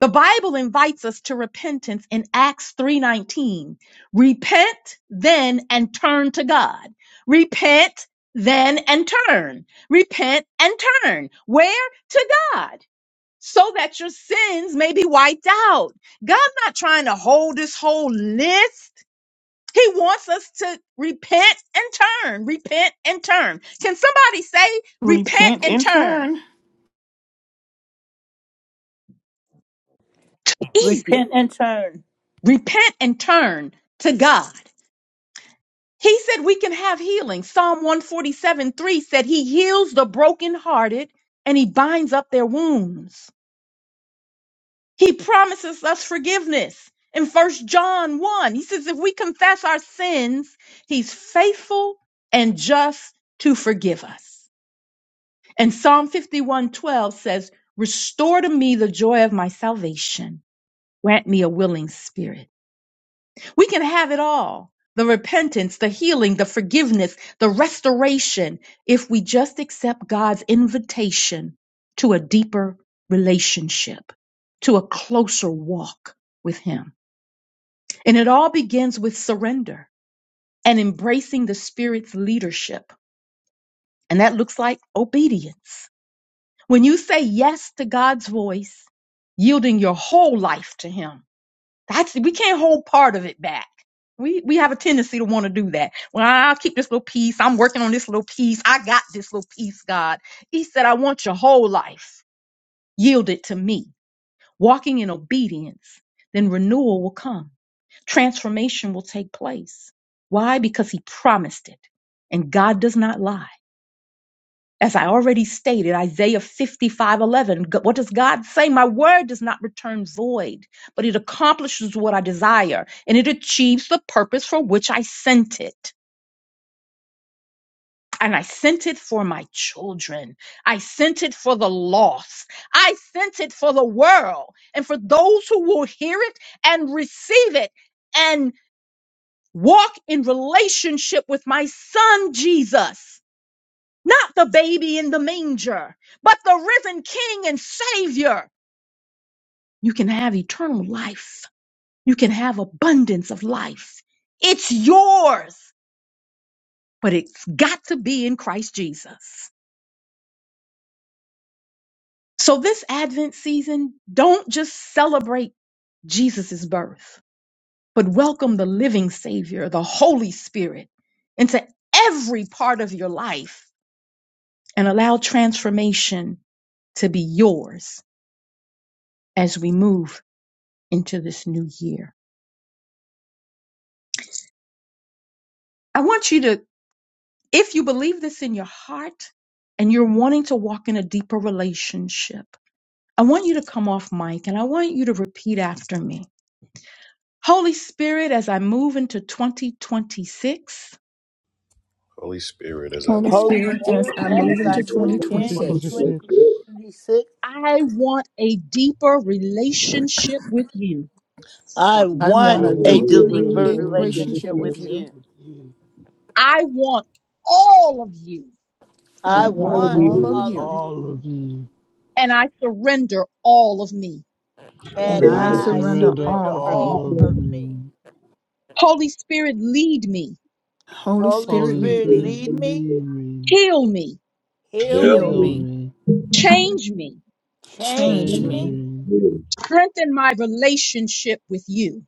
[SPEAKER 2] The Bible invites us to repentance in Acts 3:19. Repent then and turn to God. Repent then and turn. Repent and turn. Where? To God. So that your sins may be wiped out. God's not trying to hold this whole list. He wants us to repent and turn. Repent and turn. Can somebody say repent
[SPEAKER 4] Repent
[SPEAKER 2] and
[SPEAKER 4] and
[SPEAKER 2] turn?
[SPEAKER 4] turn.
[SPEAKER 2] Easy.
[SPEAKER 5] Repent and turn.
[SPEAKER 2] Repent and turn to God. He said we can have healing. Psalm 147 3 said he heals the brokenhearted and he binds up their wounds. He promises us forgiveness. In First John 1, he says, if we confess our sins, he's faithful and just to forgive us. And Psalm 51 12 says, Restore to me the joy of my salvation. Grant me a willing spirit. We can have it all the repentance, the healing, the forgiveness, the restoration if we just accept God's invitation to a deeper relationship, to a closer walk with Him. And it all begins with surrender and embracing the Spirit's leadership. And that looks like obedience. When you say yes to God's voice, yielding your whole life to Him That's we can't hold part of it back. We we have a tendency to want to do that. Well, I'll keep this little piece. I'm working on this little piece. I got this little piece, God. He said, I want your whole life yielded to me. Walking in obedience, then renewal will come. Transformation will take place. Why? Because he promised it. And God does not lie. As I already stated, Isaiah 55:11. what does God say? My word does not return void, but it accomplishes what I desire and it achieves the purpose for which I sent it. And I sent it for my children. I sent it for the lost. I sent it for the world and for those who will hear it and receive it and walk in relationship with my son, Jesus. not the baby in the manger, but the risen King and Savior. You can have eternal life. You can have abundance of life. It's yours, but it's got to be in Christ Jesus. So this Advent season, don't just celebrate Jesus' birth, but welcome the living Savior, the Holy Spirit, into every part of your life and allow transformation to be yours as we move into this new year. I want you to, if you believe this in your heart and you're wanting to walk in a deeper relationship, I want you to come off mic and I want you to repeat after me. Holy Spirit, as I move into 2026,
[SPEAKER 1] Holy Spirit is a.
[SPEAKER 4] Holy
[SPEAKER 5] Holy
[SPEAKER 4] Spirit, as
[SPEAKER 5] Spirit,
[SPEAKER 4] I
[SPEAKER 9] and
[SPEAKER 4] move
[SPEAKER 5] as
[SPEAKER 4] into
[SPEAKER 5] I move into
[SPEAKER 4] 2026,
[SPEAKER 3] 2026,
[SPEAKER 5] 2026,
[SPEAKER 2] I want a deeper relationship with you.
[SPEAKER 5] I
[SPEAKER 4] I
[SPEAKER 10] Yeah.
[SPEAKER 5] want
[SPEAKER 4] want
[SPEAKER 3] I
[SPEAKER 4] a
[SPEAKER 5] a
[SPEAKER 3] want
[SPEAKER 4] deeper
[SPEAKER 3] a
[SPEAKER 9] deeper
[SPEAKER 10] Hey,
[SPEAKER 5] deeper
[SPEAKER 4] rela-
[SPEAKER 3] deeper
[SPEAKER 9] relationship with
[SPEAKER 5] relationship
[SPEAKER 4] relationship with
[SPEAKER 9] you
[SPEAKER 5] with
[SPEAKER 3] relationship
[SPEAKER 4] you.
[SPEAKER 5] you.
[SPEAKER 3] with you.
[SPEAKER 2] I want all of you
[SPEAKER 4] I
[SPEAKER 5] I
[SPEAKER 9] and
[SPEAKER 3] I
[SPEAKER 4] want
[SPEAKER 9] all of
[SPEAKER 5] want
[SPEAKER 4] all
[SPEAKER 9] you
[SPEAKER 3] want
[SPEAKER 4] of
[SPEAKER 5] all of
[SPEAKER 4] you,
[SPEAKER 5] you,
[SPEAKER 3] all of you,
[SPEAKER 2] and I surrender all of me.
[SPEAKER 4] and
[SPEAKER 5] and
[SPEAKER 3] and
[SPEAKER 4] I
[SPEAKER 3] I
[SPEAKER 5] I
[SPEAKER 4] surrender
[SPEAKER 3] surrender
[SPEAKER 5] surrender
[SPEAKER 4] all
[SPEAKER 9] for
[SPEAKER 4] of me.
[SPEAKER 3] all
[SPEAKER 5] all
[SPEAKER 3] of
[SPEAKER 5] of
[SPEAKER 9] loving
[SPEAKER 5] me.
[SPEAKER 3] me.
[SPEAKER 2] Holy Spirit, lead me,
[SPEAKER 4] Holy
[SPEAKER 5] Holy
[SPEAKER 4] Spirit,
[SPEAKER 3] Holy
[SPEAKER 4] lead
[SPEAKER 5] Spirit,
[SPEAKER 4] me,
[SPEAKER 3] Spirit,
[SPEAKER 5] lead me,
[SPEAKER 3] lead me,
[SPEAKER 2] heal me,
[SPEAKER 5] heal
[SPEAKER 4] heal
[SPEAKER 5] me,
[SPEAKER 3] heal
[SPEAKER 4] me,
[SPEAKER 3] me,
[SPEAKER 2] change me.
[SPEAKER 4] change
[SPEAKER 5] change
[SPEAKER 3] change
[SPEAKER 5] me,
[SPEAKER 4] me,
[SPEAKER 3] me,
[SPEAKER 2] Strengthen my relationship with you.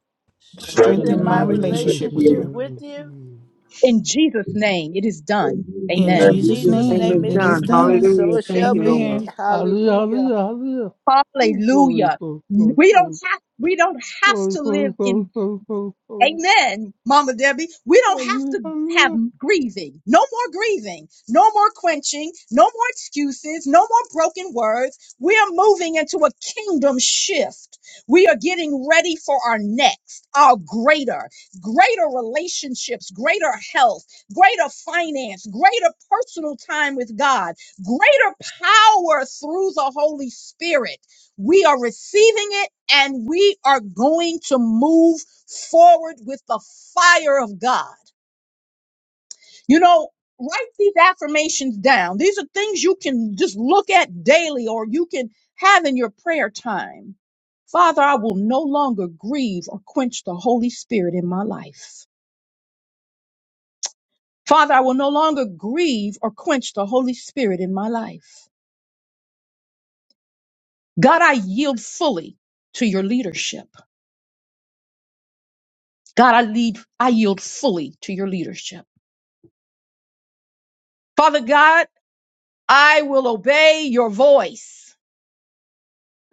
[SPEAKER 9] and
[SPEAKER 5] strengthen
[SPEAKER 4] strengthen
[SPEAKER 3] strengthen
[SPEAKER 4] my
[SPEAKER 5] my
[SPEAKER 3] my
[SPEAKER 9] relationship with
[SPEAKER 4] relationship with
[SPEAKER 3] relationship
[SPEAKER 9] you.
[SPEAKER 5] relationship
[SPEAKER 4] you.
[SPEAKER 5] with
[SPEAKER 3] with
[SPEAKER 5] you.
[SPEAKER 3] you.
[SPEAKER 2] In Jesus' name, it is done.
[SPEAKER 4] In
[SPEAKER 9] And
[SPEAKER 5] In
[SPEAKER 9] in
[SPEAKER 2] Amen.
[SPEAKER 3] In
[SPEAKER 4] Jesus'
[SPEAKER 9] Jesus'
[SPEAKER 5] Jesus'
[SPEAKER 3] Jesus'
[SPEAKER 9] name
[SPEAKER 4] name,
[SPEAKER 5] name,
[SPEAKER 9] is
[SPEAKER 4] it
[SPEAKER 5] it is
[SPEAKER 4] is
[SPEAKER 9] done.
[SPEAKER 3] name.
[SPEAKER 5] done.
[SPEAKER 3] we
[SPEAKER 4] done.
[SPEAKER 3] pray.
[SPEAKER 5] So
[SPEAKER 9] Hallelujah.
[SPEAKER 5] it
[SPEAKER 9] Thank
[SPEAKER 5] shall
[SPEAKER 9] you,
[SPEAKER 5] be.
[SPEAKER 9] Lord.
[SPEAKER 4] Amen.
[SPEAKER 3] Hallelujah,
[SPEAKER 5] Hallelujah.
[SPEAKER 3] hallelujah, hallelujah. Ooh, Glory,
[SPEAKER 2] Hallelujah.
[SPEAKER 3] glory, glory,
[SPEAKER 2] We don't
[SPEAKER 3] glory,
[SPEAKER 2] have we don't have
[SPEAKER 3] glory,
[SPEAKER 2] to
[SPEAKER 3] glory,
[SPEAKER 2] live in
[SPEAKER 3] glory, glory, glory, glory.
[SPEAKER 2] Amen, Mama Debbie. We don't have
[SPEAKER 3] Hallelujah,
[SPEAKER 2] to have
[SPEAKER 3] hallelujah.
[SPEAKER 2] grieving. No more grieving. No more quenching. No more excuses. No more broken words. We are moving into a kingdom shift. We are getting ready for our next, our greater, greater relationships, greater health, greater finance, greater personal time with God, greater power through the Holy Spirit. We are receiving it and we are going to move forward with the fire of God. You know, write these affirmations down. These are things you can just look at daily or you can have in your prayer time. Father, I will no longer grieve or quench the Holy Spirit in my life. Father, I will no longer grieve or quench the Holy Spirit in my life. God, I yield fully to your leadership. God, I lead, I yield fully to your leadership. Father God, I will obey your voice.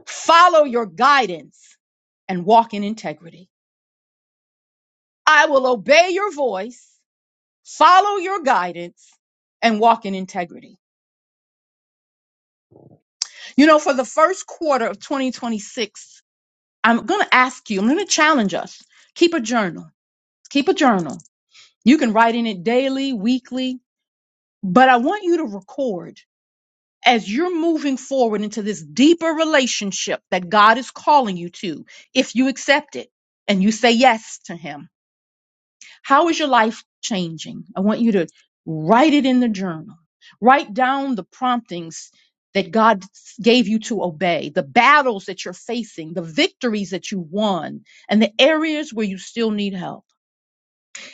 [SPEAKER 2] Follow your guidance and walk in integrity. I will obey your voice, follow your guidance, and walk in integrity. You know, for the first quarter of 2026, I'm going to ask you, I'm going to challenge us keep a journal. Keep a journal. You can write in it daily, weekly, but I want you to record as you're moving forward into this deeper relationship that God is calling you to, if you accept it and you say yes to Him How is your life changing? I want you to write it in the journal. Write down the promptings that God gave you to obey, the battles that you're facing, the victories that you won, and the areas where you still need help.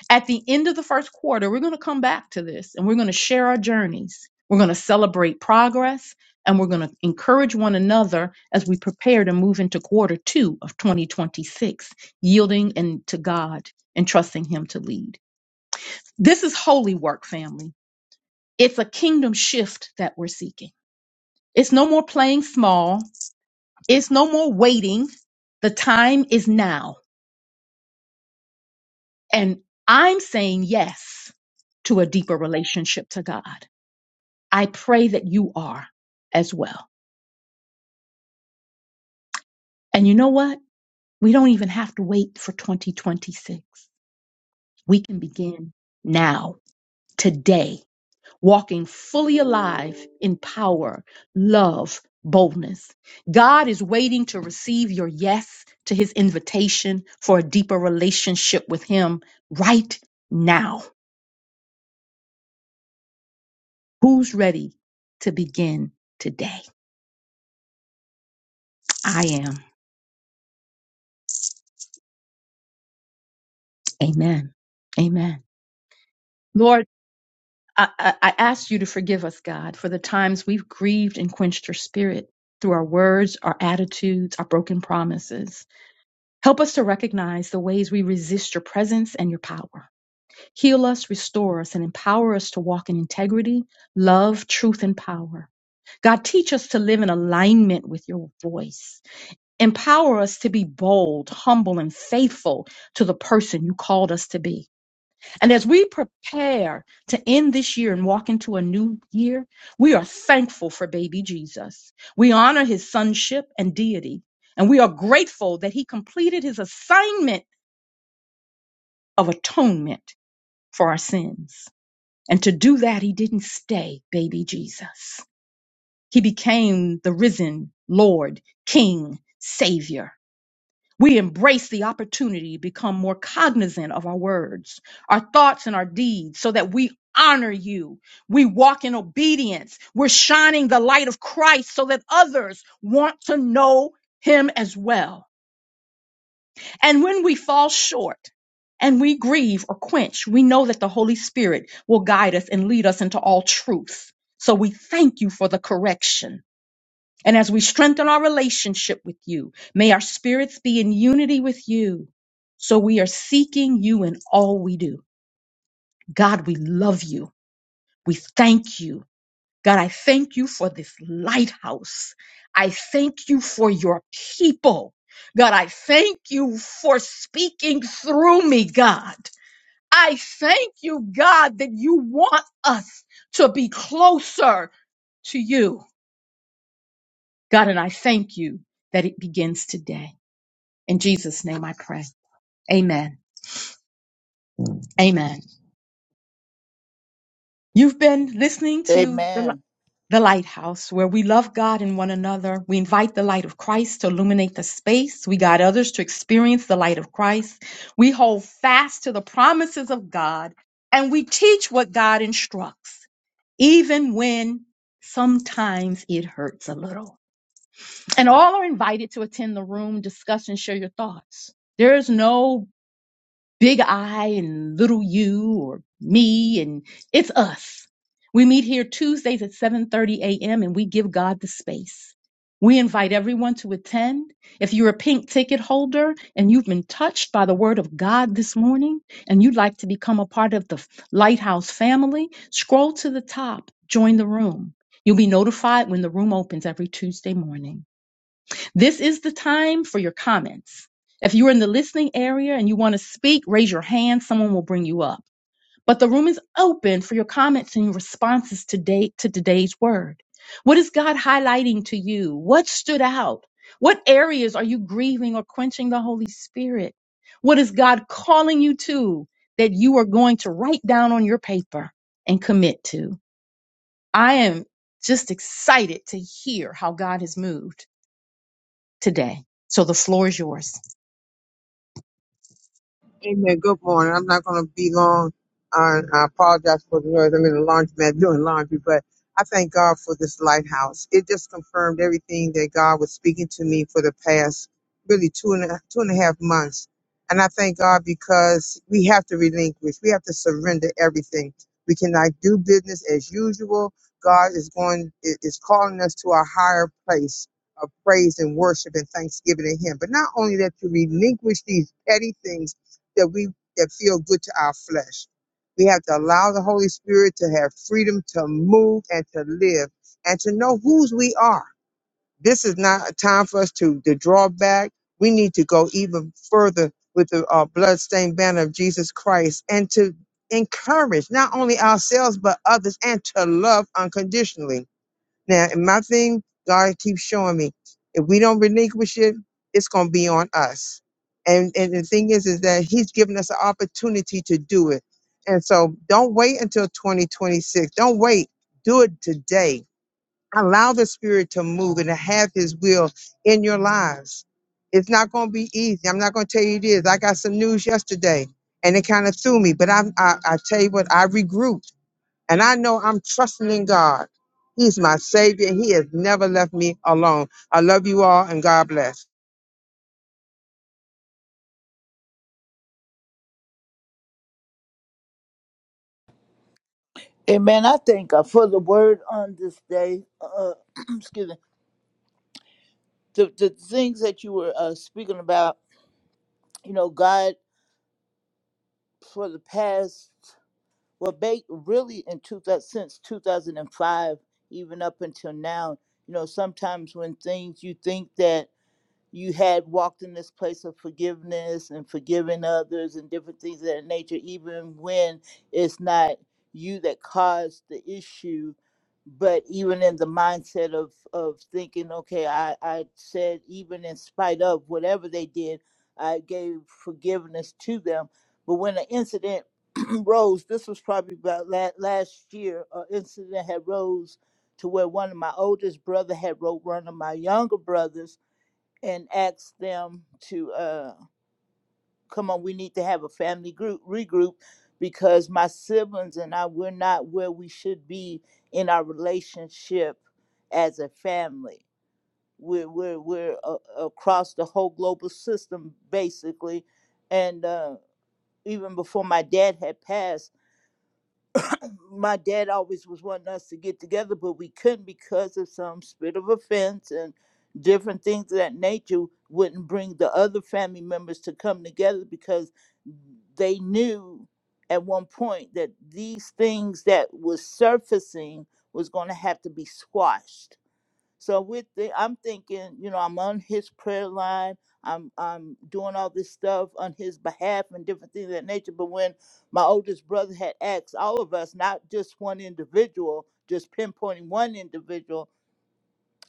[SPEAKER 2] At the end of the first quarter, we're going to come back to this and we're going to share our journeys. We're going to celebrate progress and we're going to encourage one another as we prepare to move into quarter two of 2026, yielding and to God and trusting Him to lead. This is holy work, family. It's a kingdom shift that we're seeking. It's no more playing small. It's no more waiting. The time is now. And I'm saying yes to a deeper relationship to God. I pray that you are as well. And you know what? We don't even have to wait for 2026. We can begin now, today walking fully alive in power, love, boldness. God is waiting to receive your yes to his invitation for a deeper relationship with him right now. Who's ready to begin today? I am. Amen. Amen. Lord, I, I, I ask you to forgive us, God, for the times we've grieved and quenched your spirit through our words, our attitudes, our broken promises. Help us to recognize the ways we resist your presence and your power. Heal us, restore us, and empower us to walk in integrity, love, truth, and power. God, teach us to live in alignment with your voice. Empower us to be bold, humble, and faithful to the person you called us to be. And as we prepare to end this year and walk into a new year, we are thankful for baby Jesus. We honor his sonship and deity. And we are grateful that he completed his assignment of atonement for our sins. And to do that, he didn't stay baby Jesus. He became the risen Lord, King, Savior. We embrace the opportunity to become more cognizant of our words, our thoughts, and our deeds so that we honor you. We walk in obedience. We're shining the light of Christ so that others want to know him as well. And when we fall short and we grieve or quench, we know that the Holy Spirit will guide us and lead us into all truth. So we thank you for the correction. And as we strengthen our relationship with you, may our spirits be in unity with you. So we are seeking you in all we do. God, we love you. We thank you God, I thank you for this lighthouse. I thank you for your people. God, I thank you for speaking through me, God. I thank you, God, that you want us to be closer to you. God, and I thank you that it begins today. In Jesus' name I pray. Amen. Amen. You've been listening to the.
[SPEAKER 5] Amen.
[SPEAKER 2] the lighthouse where we love God and one another. We invite the light of Christ to illuminate the space. We guide others to experience the light of Christ. We hold fast to the promises of God and we teach what God instructs, even when sometimes it hurts a little. And all are invited to attend the room, discuss, and share your thoughts. There is no big I and little you or me and it's us. We meet here Tuesdays at 7:30 a.m. and we give God the space. We invite everyone to attend. If you're a pink ticket holder and you've been touched by the word of God this morning and you'd like to become a part of the Lighthouse family, scroll to the top, join the room. You'll be notified when the room opens every Tuesday morning. This is the time for your comments. If you're in the listening area and you want to speak, raise your hand. Someone will bring you up. But the room is open for your comments and your responses today to today's word. What is God highlighting to you? What stood out? What areas are you grieving or quenching the Holy Spirit? What is God calling you to that you are going to write down on your paper and commit to? I am just excited to hear how God has moved today. So the floor is yours.
[SPEAKER 9] Amen. Good morning. I'm not going to be long. Uh, I apologize for the noise. I'm in the laundromat doing laundry, but I thank God for this lighthouse. It just confirmed everything that God was speaking to me for the past really two and a, two and a half months. And I thank God because we have to relinquish. We have to surrender everything. We cannot do business as usual. God is going i- is calling us to a higher place of praise and worship and thanksgiving to Him. But not only that, to relinquish these petty things that we that feel good to our flesh. We have to allow the Holy Spirit to have freedom to move and to live and to know whose we are. This is not a time for us to, to draw back. We need to go even further with the uh, bloodstained banner of Jesus Christ and to encourage not only ourselves but others and to love unconditionally now, and my thing, God keeps showing me, if we don't relinquish it, it's going to be on us. And and the thing is, is that He's given us an opportunity to do it. And so, don't wait until 2026. Don't wait. Do it today. Allow the Spirit to move and to have His will in your lives. It's not going to be easy. I'm not going to tell you it is. I got some news yesterday, and it kind of threw me. But I, I, I tell you what, I regrouped. And I know I'm trusting in God. He's my Savior. He has never left me alone. I love you all and God bless.
[SPEAKER 5] Amen. I thank God for the word on this day. Uh, excuse me. The, the things that you were uh, speaking about, you know, God for the past, well, ba- really in 2000, since 2005, even up until now, you know, sometimes when things you think that you had walked in this place of forgiveness and forgiving others and different things of that nature, even when it's not you that caused the issue. But even in the mindset of, of thinking, okay, I, I said, even in spite of whatever they did, I gave forgiveness to them. But when the incident rose, this was probably about la- last year, an incident had rose to where one of my oldest brother had wrote one of my younger brothers and ask them to uh, come on. We need to have a family group regroup because my siblings and I we're not where we should be in our relationship as a family. We're we're we're uh, across the whole global system basically, and uh, even before my dad had passed my dad always was wanting us to get together, but we couldn't because of some spirit of offense and different things of that nature wouldn't bring the other family members to come together because they knew at one point that these things that was surfacing was going to have to be squashed so with the, I'm thinking, you know, I'm on his prayer line. I'm I'm doing all this stuff on his behalf and different things of that nature. But when my oldest brother had asked all of us, not just one individual, just pinpointing one individual,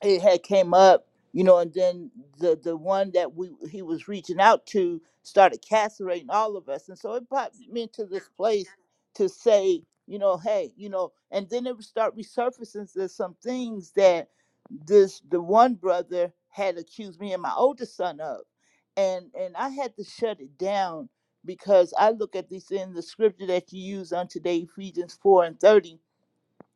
[SPEAKER 5] it had came up, you know, and then the the one that we he was reaching out to started castrating all of us, and so it brought me to this place to say, you know, hey, you know, and then it would start resurfacing there's some things that this the one brother had accused me and my oldest son of, and and I had to shut it down because I look at this in the scripture that you use on today, Ephesians four and thirty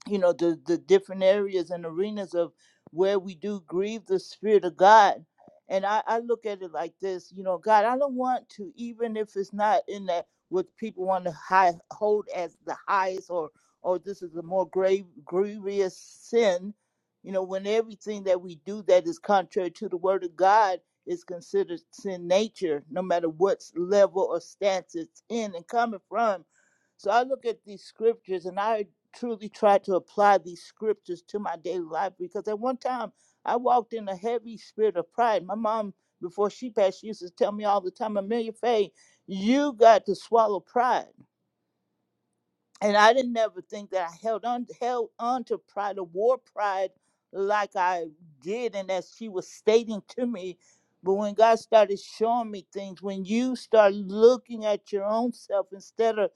[SPEAKER 5] you know the the different areas and arenas of where we do grieve the spirit of god and i i look at it like this you know god i don't want to even if it's not in that what people want to high, hold as the highest or or this is a more grave grievous sin you know when everything that we do that is contrary to the word of god is considered sin nature no matter what level or stance it's in and coming from so I look at these scriptures and I truly try to apply these scriptures to my daily life because at one time I walked in a heavy spirit of pride. My mom, before she passed, she used to tell me all the time, Amelia Faye, you got to swallow pride and I didn't never think that I held on held on to pride, the war pride, like I did, and as she was stating to me. But when God started showing me things, when you start looking at your own self instead of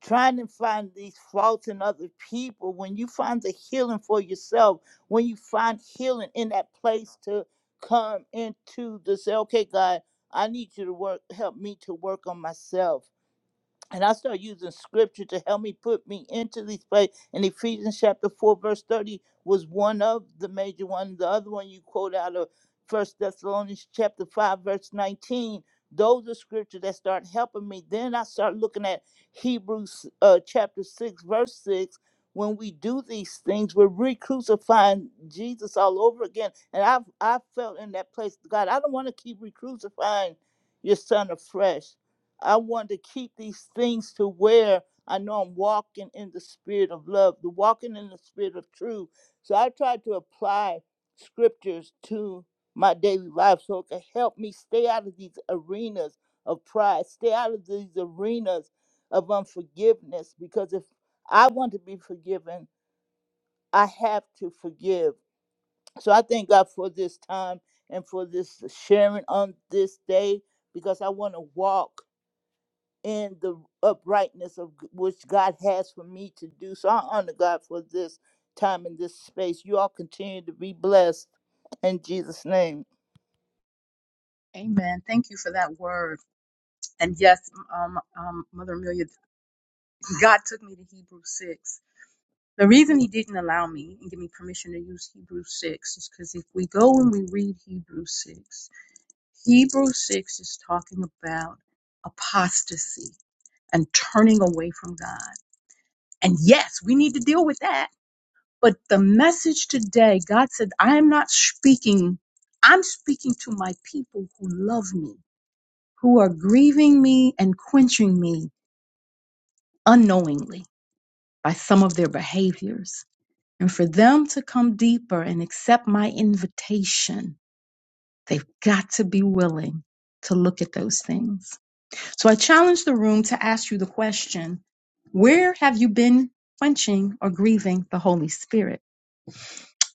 [SPEAKER 5] trying to find these faults in other people, when you find the healing for yourself, when you find healing in that place to come into the say, okay, God, I need you to work, help me to work on myself and I start using scripture to help me put me into these places. And Ephesians chapter 4, verse 30 was one of the major ones. The other one you quote out of First Thessalonians chapter 5, verse 19. Those are scripture that start helping me. Then I start looking at Hebrews uh, chapter 6, verse 6. When we do these things, we're re-crucifying Jesus all over again. And I've I felt in that place, God, I don't want to keep re-crucifying your son afresh. I want to keep these things to where I know I'm walking in the spirit of love, the walking in the spirit of truth. So I try to apply scriptures to my daily life so it can help me stay out of these arenas of pride, stay out of these arenas of unforgiveness. Because if I want to be forgiven, I have to forgive. So I thank God for this time and for this sharing on this day because I want to walk in the uprightness of g- which God has for me to do. So I honor God for this time in this space. You all continue to be blessed in Jesus' name.
[SPEAKER 2] Amen. Thank you for that word. And yes, um, um, Mother Amelia, God took me to Hebrew 6. The reason he didn't allow me and give me permission to use Hebrew 6 is because if we go and we read Hebrew 6, Hebrew 6 is talking about apostasy and turning away from God. And yes, we need to deal with that. But the message today, God said, I am not speaking, I'm speaking to my people who love me who are grieving me and quenching me unknowingly by some of their behaviors. And for them to come deeper and accept my invitation, they've got to be willing to look at those things. So I challenge the room to ask you the question where have you been quenching or grieving the Holy Spirit?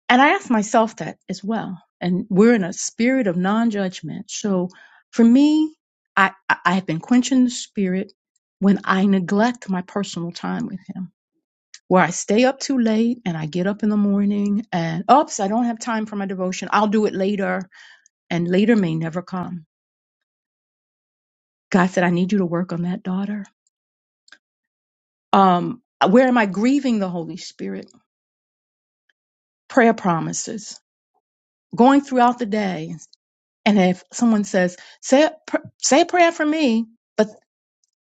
[SPEAKER 2] And I ask myself that as well. And we're in a spirit of non judgment. So for me, I, I I have been quenching the spirit when I neglect my personal time with him, where I stay up too late and I get up in the morning and, oops, I don't have time for my devotion. I'll do it later. And later may never come. God said, I need you to work on that, daughter. Um, where am I grieving the Holy Spirit? Prayer promises. Going throughout the day And if someone says, say a, pr- say a prayer for me, but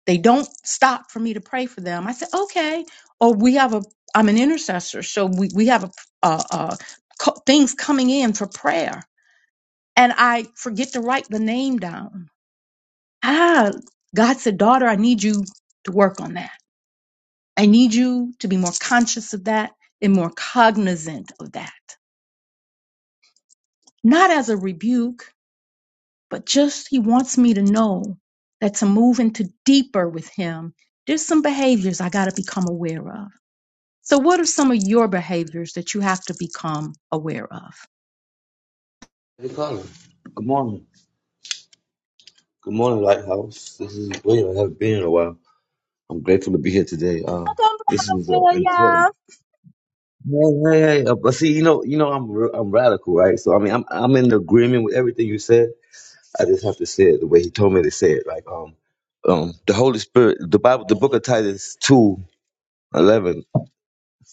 [SPEAKER 2] they don't stop for me to pray for them, I say, okay. Or we have a, I'm an intercessor. So we, we have a, uh, uh, co- things coming in for prayer. And I forget to write the name down. Ah, God said, daughter, I need you to work on that. I need you to be more conscious of that and more cognizant of that. Not as a rebuke, but just he wants me to know that to move into deeper with him, there's some behaviors I got to become aware of. So, what are some of your behaviors that you have to become aware of?
[SPEAKER 10] Colin. Good morning. Good morning, Lighthouse. This is William. I haven't been in a while. I'm grateful to be here today. Uh,
[SPEAKER 2] Welcome,
[SPEAKER 10] this
[SPEAKER 2] Brother
[SPEAKER 10] was uh, important.
[SPEAKER 2] William.
[SPEAKER 10] Hey, hey, hey. Uh, but see, you know, you know, I'm r- I'm radical, right? So I mean, I'm I'm in agreement with everything you said. I just have to say it the way he told me to say it. Like um um the Holy Spirit the Bible the book of Titus two eleven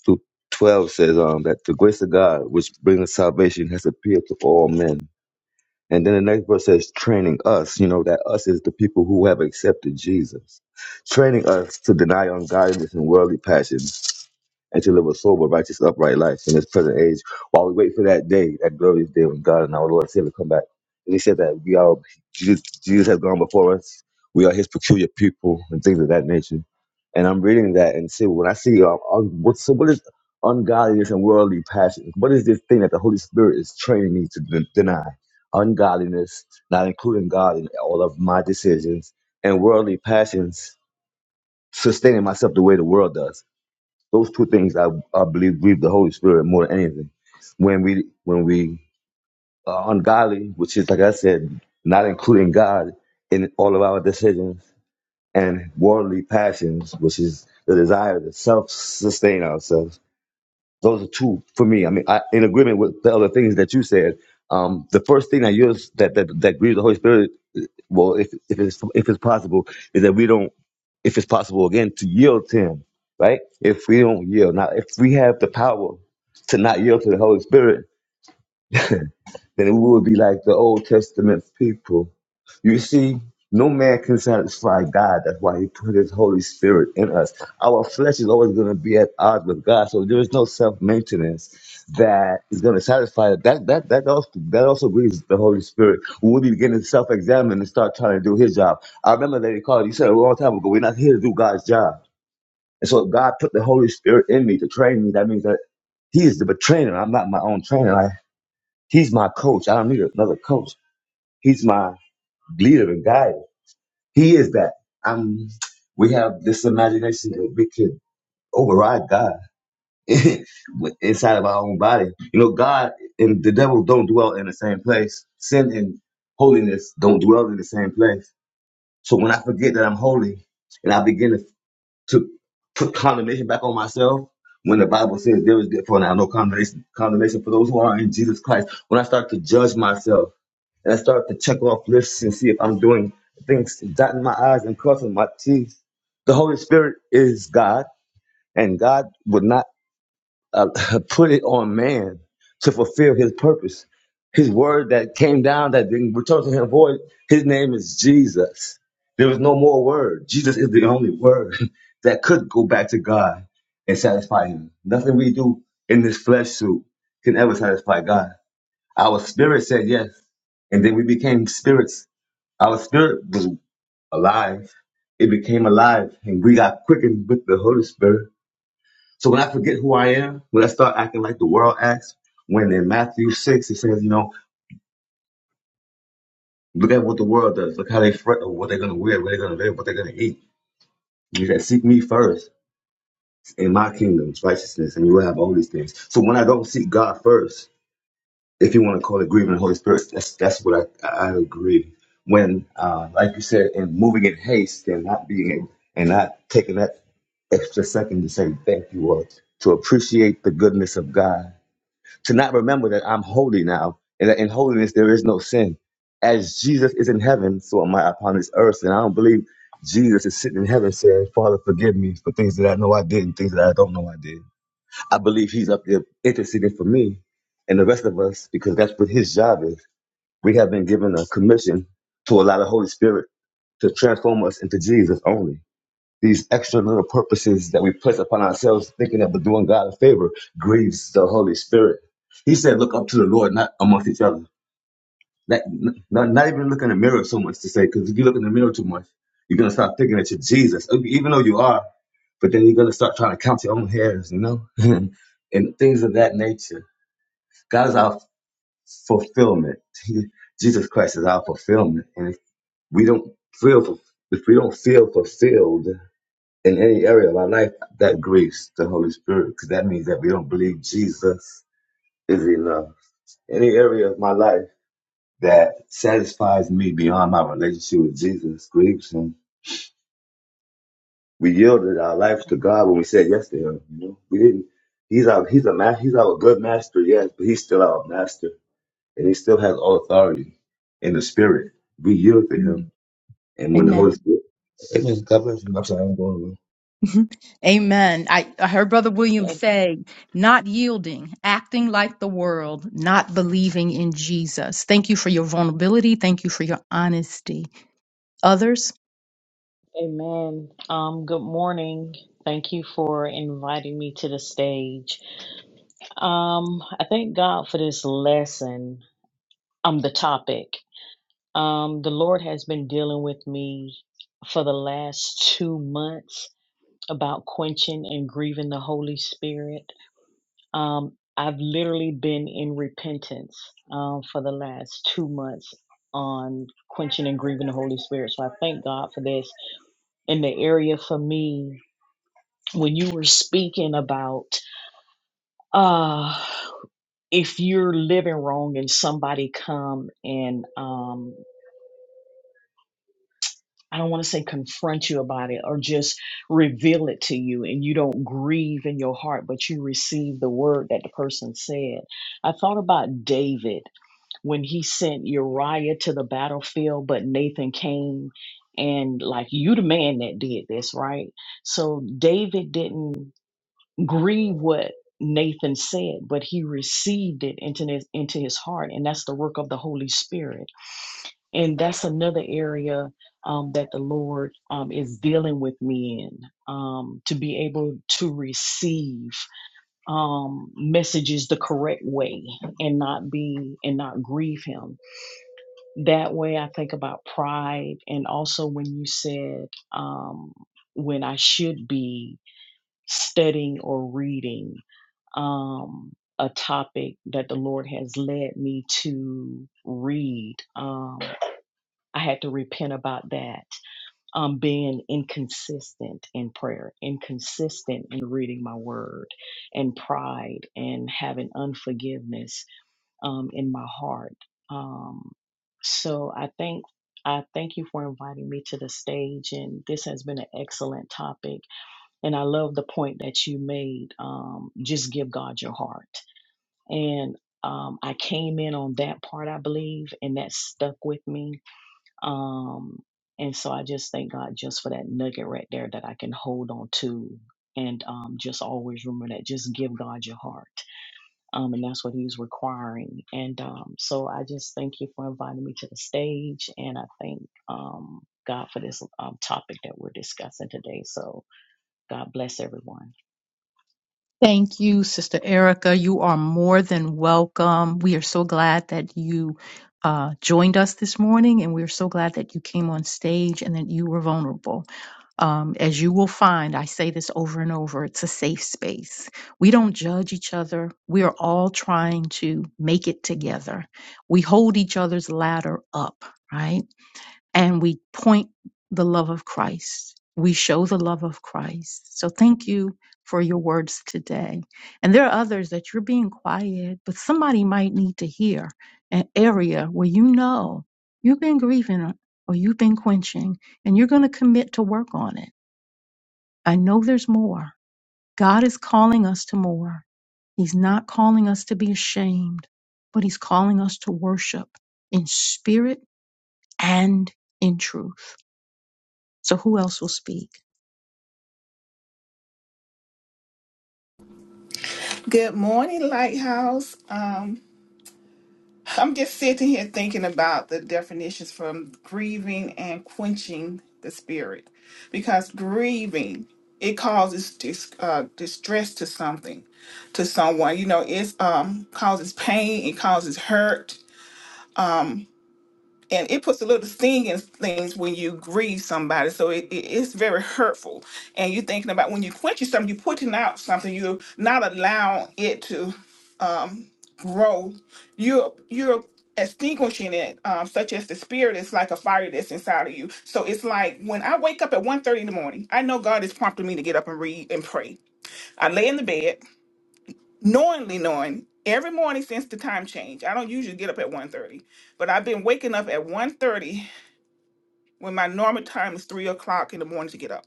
[SPEAKER 10] through twelve says um that the grace of God which brings salvation has appeared to all men. And then the next verse says training us, you know, that us is the people who have accepted Jesus. Training us to deny ungodliness and worldly passions and to live a sober, righteous, upright life in this present age, while we wait for that day, that glorious day when God and our Lord and Savior come back. And he said that we are Jesus, Jesus has gone before us. We are His peculiar people and things of that nature. And I'm reading that and see when I see um, un- what, so what is ungodliness and worldly passions? What is this thing that the Holy Spirit is training me to de- deny? Ungodliness, not including God in all of my decisions, and worldly passions, sustaining myself the way the world does those two things I, I believe grieve the Holy Spirit more than anything. When we when we are ungodly, which is like I said, not including God in all of our decisions, and worldly passions, which is the desire to self sustain ourselves those are two for me. I mean, I, in agreement with the other things that you said. Um, the first thing that yours that that that grieves the Holy Spirit, well, if if it's if it's possible, is that we don't, if it's possible again, to yield to Him, right? If we don't yield, now if we have the power to not yield to the Holy Spirit, then we would be like the Old Testament people. You see, no man can satisfy God. That's why He put His Holy Spirit in us. Our flesh is always going to be at odds with God, so there is no self maintenance that is going to satisfy it. That that that also that also grieves the Holy Spirit. We will be beginning to self examine and start trying to do His job. I remember Lady Carl, you said it a long time ago. We're not here to do God's job, and so if God put the Holy Spirit in me to train me. That means that He is the trainer. I'm not my own trainer. He's my coach. I don't need another coach. He's my leader and guide. He is that. I'm, we have this imagination that we could override God inside of our own body. You know, God and the devil don't dwell in the same place. Sin and holiness don't dwell in the same place. So when I forget that I'm holy and I begin to, to put condemnation back on myself, when the Bible says there is therefore now no condemnation, condemnation for those who are in Jesus Christ, when I start to judge myself, and I started to check off lists and see if I'm doing things, dotting my I's and crossing my T's. The Holy Spirit is God, and God would not uh, put it on man to fulfill his purpose. His word that came down that didn't return to him void, his name is Jesus. There was no more word. Jesus is the only word that could go back to God and satisfy him. Nothing we do in this flesh suit can ever satisfy God. Our spirit said yes. And then we became spirits. Our spirit was alive. It became alive. And we got quickened with the Holy Spirit. So when I forget who I am, when I start acting like the world acts, when in Matthew 6 it says, you know, look at what the world does. Look how they fret or what they're going to wear, what they're going to live, what they're going to eat. You said, seek me first in my kingdom's righteousness, and you will have all these things. So when I don't seek God first, if you want to call it grieving the Holy Spirit, that's that's what I, I agree. When, uh, like you said, in moving in haste and not being able, and not taking that extra second to say thank you or to appreciate the goodness of God, to not remember that I'm holy now, and that in holiness there is no sin. As Jesus is in heaven, so am I upon this earth, and I don't believe Jesus is sitting in heaven saying, "Father, forgive me for things that I know I did and things that I don't know I did." I believe he's up there interceding for me and the rest of us because that's what his job is. We have been given a commission to allow the Holy Spirit to transform us into Jesus only. These extra little purposes that we place upon ourselves, thinking that we're doing God a favor, grieves the Holy Spirit. He said, Look up to the Lord, not amongst each other. That, not, not even look in the mirror so much to say, because if you look in the mirror too much, you're going to start thinking that you're Jesus, even though you are, but then you're going to start trying to count your own hairs, you know, and things of that nature. God is our fulfillment. He- Jesus Christ is our fulfillment. And if we don't feel, if we don't feel fulfilled in any area of our life, that grieves the Holy Spirit, because that means that we don't believe Jesus is enough. Any area of my life that satisfies me beyond my relationship with Jesus, grieves him. We yielded our lives to God when we said yes to him, you know. We didn't he's our he's a ma- he's our good master, yes, but he's still our master and he still has all authority in the spirit. We yield to him and when the
[SPEAKER 2] Amen.
[SPEAKER 10] Holy Spirit Amen. God bless you. I'm sorry, I'm going away.
[SPEAKER 2] Mhm. Amen. I, I heard Brother William
[SPEAKER 11] A-
[SPEAKER 2] say, not yielding, acting like the world, not believing in Jesus. Thank you for your vulnerability. Thank you for your honesty. Others?
[SPEAKER 11] Amen. Um, good morning. Thank you for inviting me to the stage. Um, I thank God for this lesson. Um, the topic. Um, the Lord has been dealing with me for the last two months about quenching and grieving the Holy Spirit. Um, I've literally been in repentance um, for the last two months on quenching and grieving the Holy Spirit. So I thank God for this in the area for me when you were speaking about uh if you're living wrong and somebody come and um I don't want to say confront you about it or just reveal it to you and you don't grieve in your heart but you receive the word that the person said. I thought about David when he sent Uriah to the battlefield but Nathan came and like you the man that did this, right? So David didn't grieve what Nathan said, but he received it into his, into his heart, and that's the work of the Holy Spirit. And that's another area um, that the Lord um, is dealing with me in um, to be able to receive um, messages the correct way and not be and not grieve Him. That way, I think about pride, and also when you said um, when I should be studying or reading um, a topic that the Lord has led me to read. Um, I had to repent about that, um, being inconsistent in prayer, inconsistent in reading my word, and pride, and having unforgiveness um, in my heart. Um, so I think. I thank you for inviting me to the stage, and this has been an excellent topic. And I love the point that you made. Um, just give God your heart and um, I came in on that part, I believe, and that stuck with me. Um, and so I just thank God just for that nugget right there that I can hold on to, and um, just always remember that. Just give God your heart, um, and that's what He's requiring. And um, so I just thank you for inviting me to the stage, and I thank um, God for this um, topic that we're discussing today. So God bless everyone.
[SPEAKER 2] Thank you, Sister Erica. You are more than welcome. We are so glad that you uh, joined us this morning, and we're so glad that you came on stage and that you were vulnerable. Um, as you will find, I say this over and over, it's a safe space. We don't judge each other. We are all trying to make it together. We hold each other's ladder up, right? And we point the love of Christ. We show the love of Christ. So thank you for your words today. And there are others that you're being quiet, but somebody might need to hear an area where you know you've been grieving or you've been quenching and you're going to commit to work on it I know there's more. God is calling us to more. He's not calling us to be ashamed, but He's calling us to worship in spirit and in truth. So, who else will speak?
[SPEAKER 4] Good morning, Lighthouse. Um, I'm just sitting here thinking about the definitions from grieving and quenching the spirit, because grieving it causes dis, uh, distress to something, to someone. You know, it's um causes pain, it causes hurt, and it puts a little sting in things when you grieve somebody. So it, it- it's very hurtful. And you're thinking about when you quench something, you're putting out something. You're not allowing it to um, grow. You're you're extinguishing it, um, such as the spirit is like a fire that's inside of you. So it's like when I wake up at one thirty in the morning, I know God is prompting me to get up and read and pray. I lay in the bed, knowingly knowing every morning since the time change. I don't usually get up at one thirty, but I've been waking up at 1.30 when my normal time is three o'clock in the morning to get up.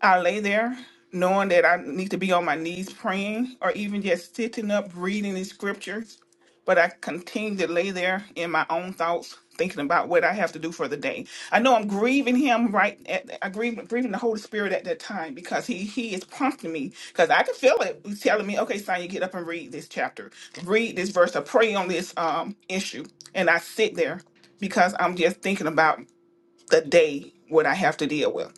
[SPEAKER 4] I lay there knowing that I need to be on my knees praying or even just sitting up reading the scriptures. But I continue to lay there in my own thoughts, thinking about what I have to do for the day. I know I'm grieving him right at I grieve grieving the Holy Spirit at that time because he he is prompting me because I can feel it. He's telling me, okay, Sonya, get up and read this chapter, read this verse, or pray on this um issue. And I sit there because I'm just thinking about the day what I have to deal with.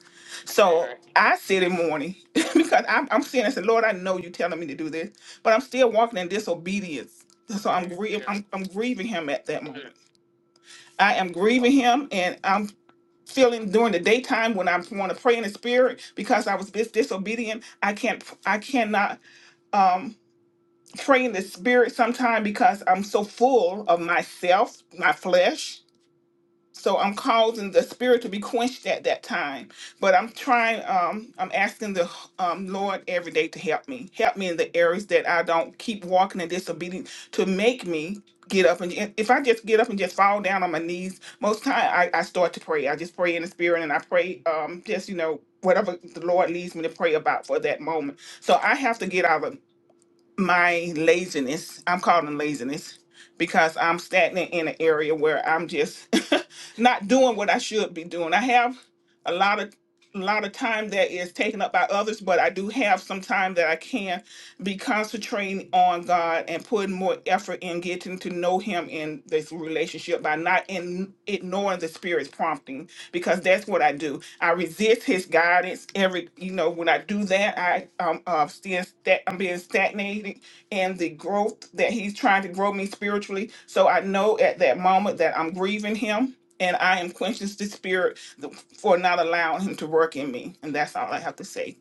[SPEAKER 4] So Right. I sit in mourning because I'm, I'm sitting and said, Lord, I know you're telling me to do this, but I'm still walking in disobedience. So I'm Yeah. grieving. I'm, I'm grieving him at that moment. I am grieving him, and I'm feeling during the daytime when I want to pray in the spirit because I was this disobedient. I can't. I cannot um pray in the spirit sometime because I'm so full of myself, my flesh, so i'm causing the spirit to be quenched at that time but i'm trying um i'm asking the um lord every day to help me help me in the areas that i don't keep walking in disobedience to make me get up and and if i just get up and just fall down on my knees most time i, I start to pray i just pray in the spirit and i pray um just you know whatever the lord leads me to pray about for that moment so i have to get out of my laziness i'm calling laziness because i'm stagnant in an area where i'm just not doing what i should be doing i have a lot of a lot of time that is taken up by others but i do have some time that i can be concentrating on God and putting more effort in getting to know Him in this relationship by not in ignoring the Spirit's prompting because that's what I do. I resist His guidance every you know when I do that I um uh, still stat- I'm being stagnated in the growth that He's trying to grow me spiritually. So I know at that moment that I'm grieving Him and I am quenching the Spirit th- for not allowing Him to work in me. And that's all I have to say.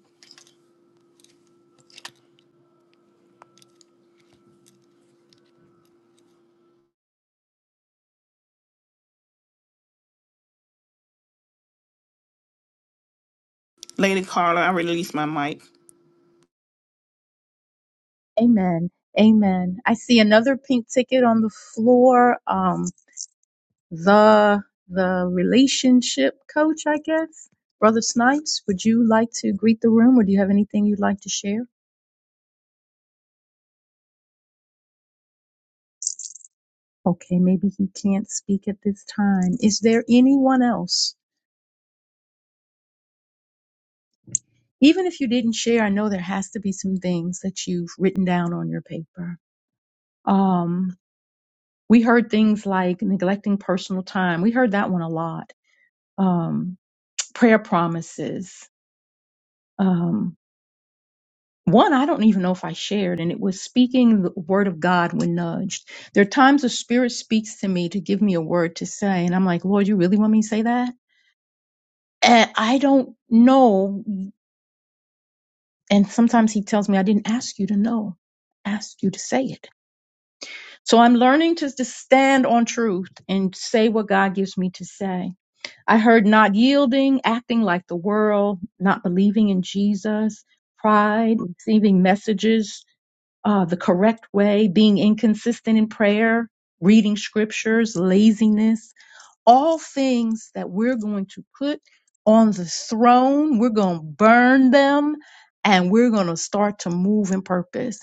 [SPEAKER 4] Lady Carla, I release my mic.
[SPEAKER 2] Amen. Amen. I see another pink ticket on the floor. Um, the the relationship coach, I guess. Brother Snipes, would you like to greet the room or do you have anything you'd like to share? Okay, maybe he can't speak at this time. Is there anyone else? even if you didn't share, I know there has to be some things that you've written down on your paper. Um, we heard things like neglecting personal time. We heard that one a lot. Um, prayer promises. Um, one I don't even know if I shared, and it was speaking the word of God when nudged. There are times the Spirit speaks to me to give me a word to say, and I'm like, Lord, you really want me to say that? And I don't know. And sometimes He tells me, I didn't ask you to know, I asked you to say it So I'm learning to, to stand on truth and say what God gives me to say. I heard not yielding, acting like the world, not believing in Jesus, pride, receiving messages uh, the correct way, being inconsistent in prayer, reading scriptures, laziness, all things that we're going to put on the throne. We're going to burn them and we're going to start to move in purpose.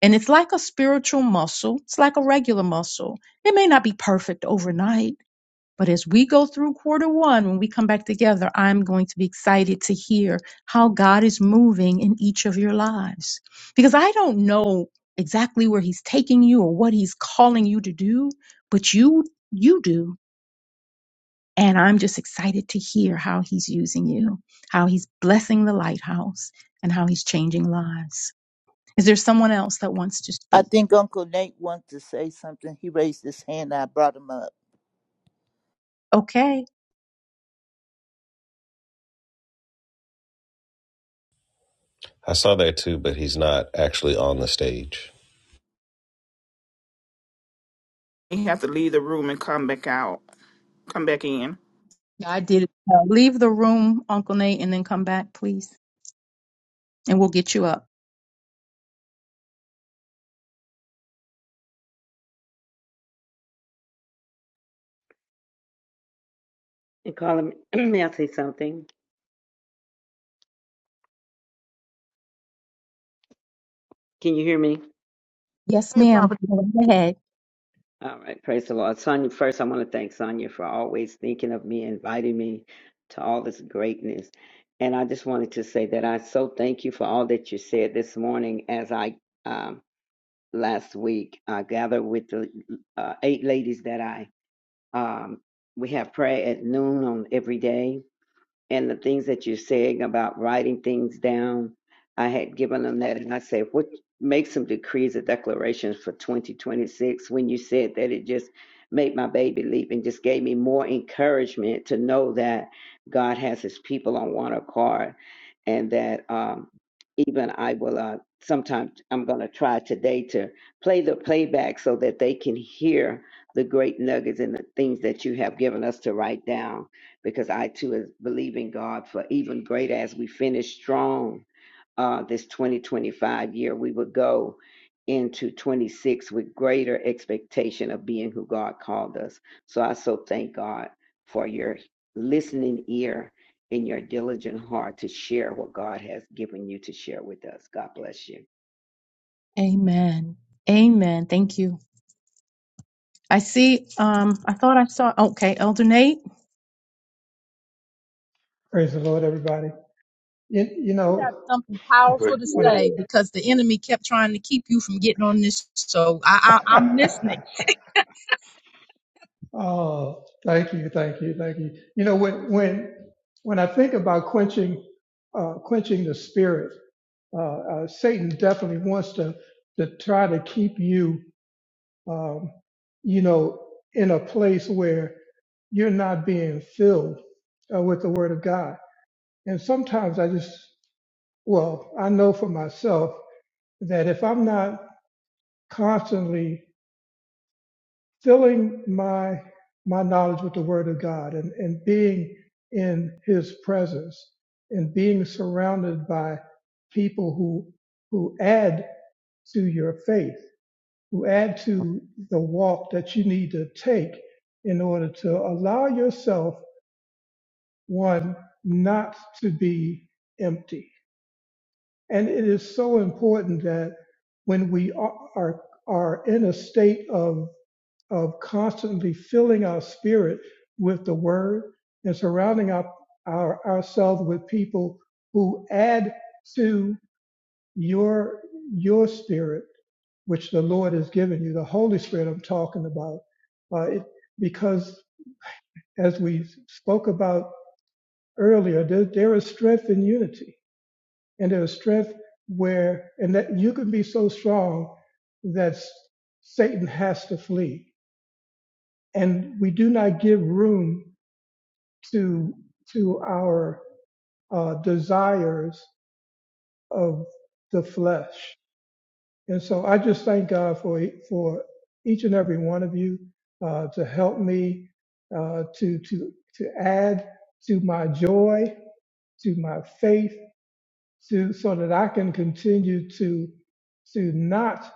[SPEAKER 2] And it's like a spiritual muscle. It's like a regular muscle. It may not be perfect overnight, but as we go through quarter one, when we come back together, I'm going to be excited to hear how God is moving in each of your lives. Because I don't know exactly where He's taking you or what He's calling you to do, but you, you do. And I'm just excited to hear how He's using you, how He's blessing the lighthouse, and how He's changing lives. Is there someone else that wants to
[SPEAKER 5] I
[SPEAKER 2] speak?
[SPEAKER 5] think Uncle Nate wants to say something. He raised his hand. I brought him up.
[SPEAKER 2] Okay.
[SPEAKER 1] I saw that too, but he's not actually on the stage.
[SPEAKER 4] You have to leave the room and come back out, come back in.
[SPEAKER 2] Yeah, I did. it. Uh, leave the room, Uncle Nate, and then come back, please, and we'll get you up.
[SPEAKER 8] And Carla, may I say something? Can you hear me?
[SPEAKER 2] Yes,
[SPEAKER 9] Hey, Prophet
[SPEAKER 2] ma'am. Go right ahead.
[SPEAKER 8] All right, praise the Lord. Sonia, first I want to thank Sonia for always thinking of me, inviting me to all this greatness. And I just wanted to say that I so thank you for all that you said this morning as I um, last week I gathered with the uh, eight ladies that I um, we have prayer at noon on every day and the things that you're saying about writing things down, I had given them that, and I said, "What make some decrees or declarations for 2026?" When you said that, it just made my baby leap and just gave me more encouragement to know that God has His people on one accord, and that um, even I will. Uh, sometimes I'm going to try today to play the playback so that they can hear the great nuggets and the things that you have given us to write down because I too is believing God for even greater as we finish strong uh, this 2025 year. We would go into 26 with greater expectation of being who God called us. So I so thank God for your listening ear and your diligent heart to share what God has given you to share with us. God bless you.
[SPEAKER 2] Amen. Amen. Thank you. I see. Um, I thought I saw. Okay, Elder Nate.
[SPEAKER 6] Praise the Lord, everybody. You, you
[SPEAKER 2] You
[SPEAKER 6] know
[SPEAKER 2] have something
[SPEAKER 10] Praise
[SPEAKER 2] powerful to
[SPEAKER 10] the
[SPEAKER 6] when
[SPEAKER 2] say
[SPEAKER 10] Lord.
[SPEAKER 2] because the enemy kept trying to keep you from getting on this. So I, I, I'm
[SPEAKER 6] I
[SPEAKER 2] listening.
[SPEAKER 6] Oh, thank you, thank you, thank you. You know, when when when I think about quenching uh, quenching the spirit, uh, uh, Satan definitely wants to to try to keep you, um, you know, in a place where you're not being filled uh, with the Word of God. And sometimes I just, well, I know for myself that if I'm not constantly filling my my knowledge with the word of god and, and being in his presence and being surrounded by people who who add to your faith who add to the walk that you need to take in order to allow yourself one not to be empty and it is so important that when we are are, are in a state of of constantly filling our spirit with the word and surrounding our, our ourselves with people who add to your your spirit, which the Lord has given you, the Holy Spirit I'm talking about. Uh, it, because as we spoke about earlier, there, there is strength in unity, and there is strength where, and that you can be so strong that Satan has to flee. And we do not give room to to our uh, desires of the flesh. And so I just thank God for e- for each and every one of you uh, to help me uh, to to to add to my joy, to my faith, to so that I can continue to to not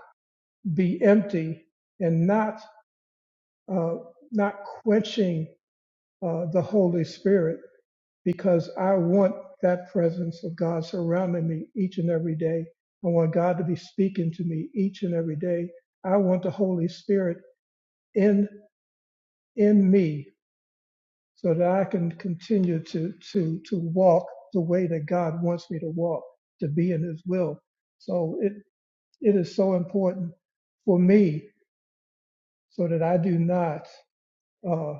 [SPEAKER 6] be empty and not uh, not quenching uh, the Holy Spirit because I want that presence of God surrounding me each and every day. I want God to be speaking to me each and every day. I want the Holy Spirit in in me so that I can continue to to to walk the way that God wants me to walk, to be in his will. So it it is so important for me so that I do not uh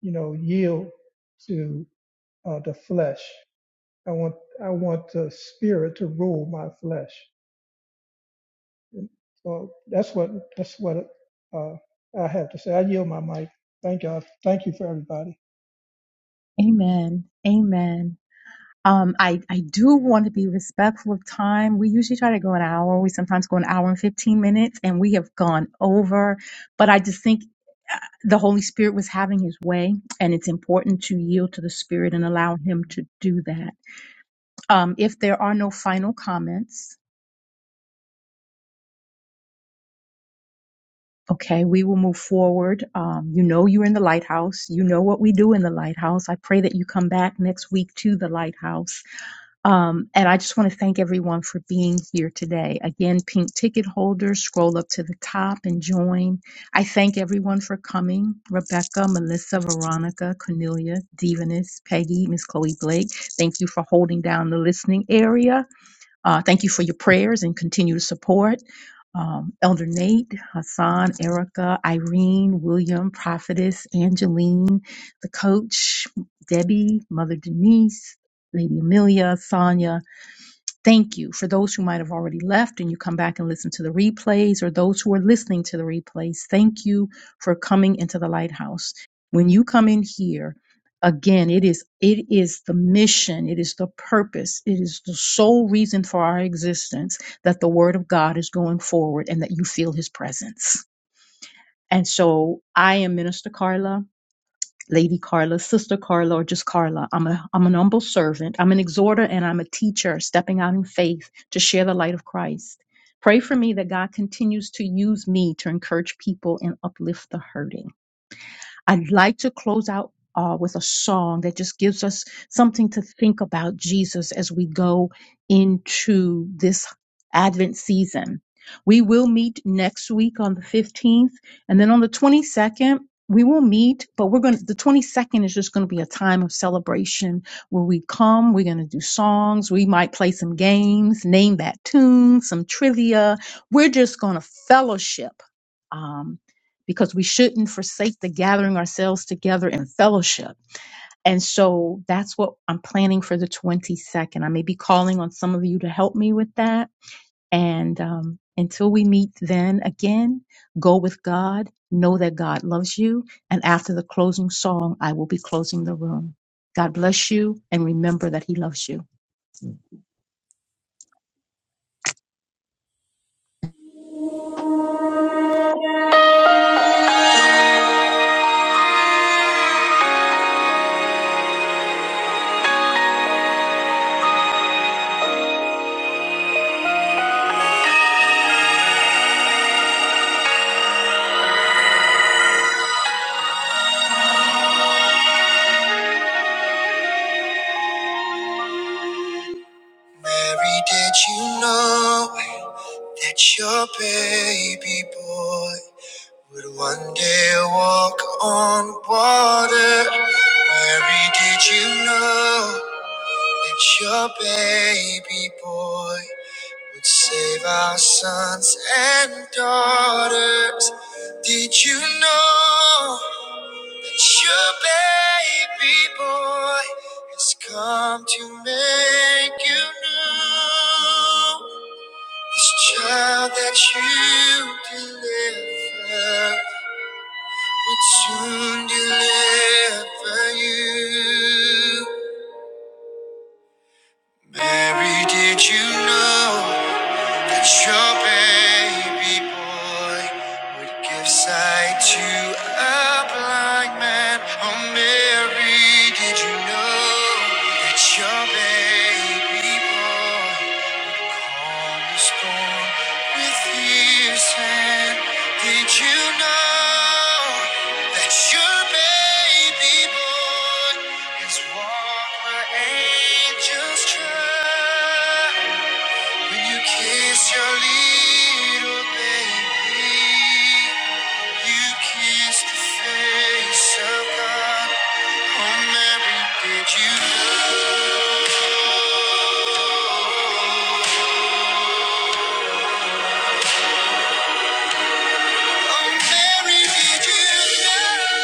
[SPEAKER 6] you know yield to uh the flesh I want I want the spirit to rule my flesh. And So that's what that's what uh, I have to say. I yield my mic. Thank God. Thank you for everybody.
[SPEAKER 2] Amen. Amen. Um, I, I do want to be respectful of time. We usually try to go an hour. We sometimes go an hour and 15 minutes, and we have gone over. But I just think uh, the Holy Spirit was having his way, and it's important to yield to the Spirit and allow him to do that. Um, if there are no final comments, Okay, we will move forward. Um, you know you're in the lighthouse. You know what we do in the lighthouse. I pray that you come back next week to the lighthouse. Um, and I just want to thank everyone for being here today. Again, pink ticket holders, scroll up to the top and join. I thank everyone for coming. Rebecca, Melissa, Veronica, Cornelia, Divanis, Peggy, Miss Chloe Blake. Thank you for holding down the listening area. Uh, thank you for your prayers and continued support. Um, Elder Nate, Hassan, Erica, Irene, William, Prophetess, Angeline, the coach, Debbie, Mother Denise, Lady Amelia, Sonia, Thank you for those who might have already left and you come back and listen to the replays, or those who are listening to the replays. Thank you for coming into the lighthouse. When you come in here, again, it is it is the mission, it is the purpose, it is the sole reason for our existence that the word of God is going forward and that you feel His presence. And so, I am Minister Carla. Lady Carla, Sister Carla, or just Carla. I'm a I'm an humble servant. I'm an exhorter and I'm a teacher stepping out in faith to share the light of Christ. Pray for me that God continues to use me to encourage people and uplift the hurting. I'd like to close out uh, with a song that just gives us something to think about Jesus as we go into this Advent season. We will meet next week on the 15th, and then on the 22nd, we will meet, but we're going to, the 22nd is just going to be a time of celebration where we come, we're going to do songs, we might play some games, name that tune, some trivia. We're just going to fellowship. Um, because we shouldn't forsake the gathering ourselves together in fellowship. And so that's what I'm planning for the 22nd. I may be calling on some of you to help me with that. And um, until we meet then again, go with God, know that God loves you. And after the closing song, I will be closing the room. God bless you and remember that He loves you.
[SPEAKER 1] You didn't know that your baby boy would one day walk on water. Mary, did you know that your baby boy would save our sons and daughters? Did you know? It's Your baby boy has come to make you new. Child that you delivered. Mary, did you know that your baby boy would give sight to a blind man? Oh, Mary, did you know that your baby boy? On the storm with his hand. Did you know that your baby boy has walked where angels trod? When you kiss your little baby, you kissed the face of God. Oh, Mary, did you know? Oh, Mary, did you know?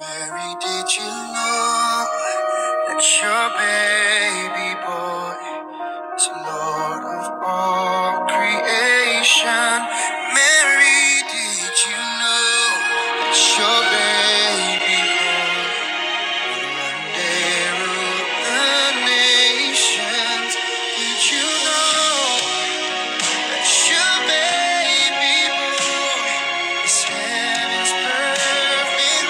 [SPEAKER 1] Mary, did you know that your baby boy? So Lord of all creation, Mary, did you know that your baby boy would one day rule the nations? Did you know that your baby boy is heaven's perfect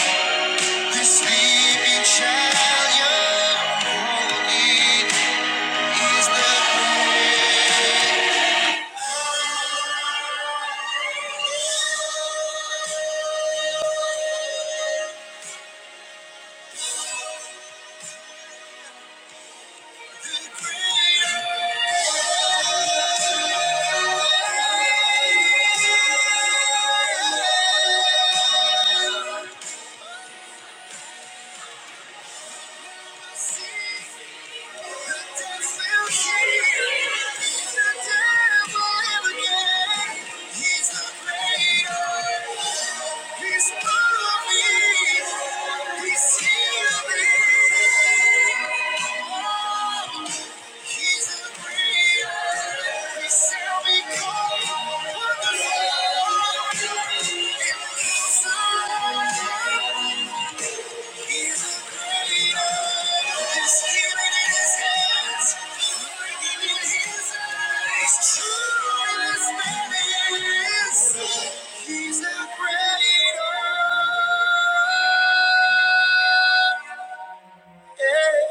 [SPEAKER 1] lamb? This sleeping child, you're holy. He's healing. He's the greater. He shall be called Wonderful. Counselor. He's the creator. His healing in his hands. Working in his eyes. True in his madness. He's the creator. Yeah.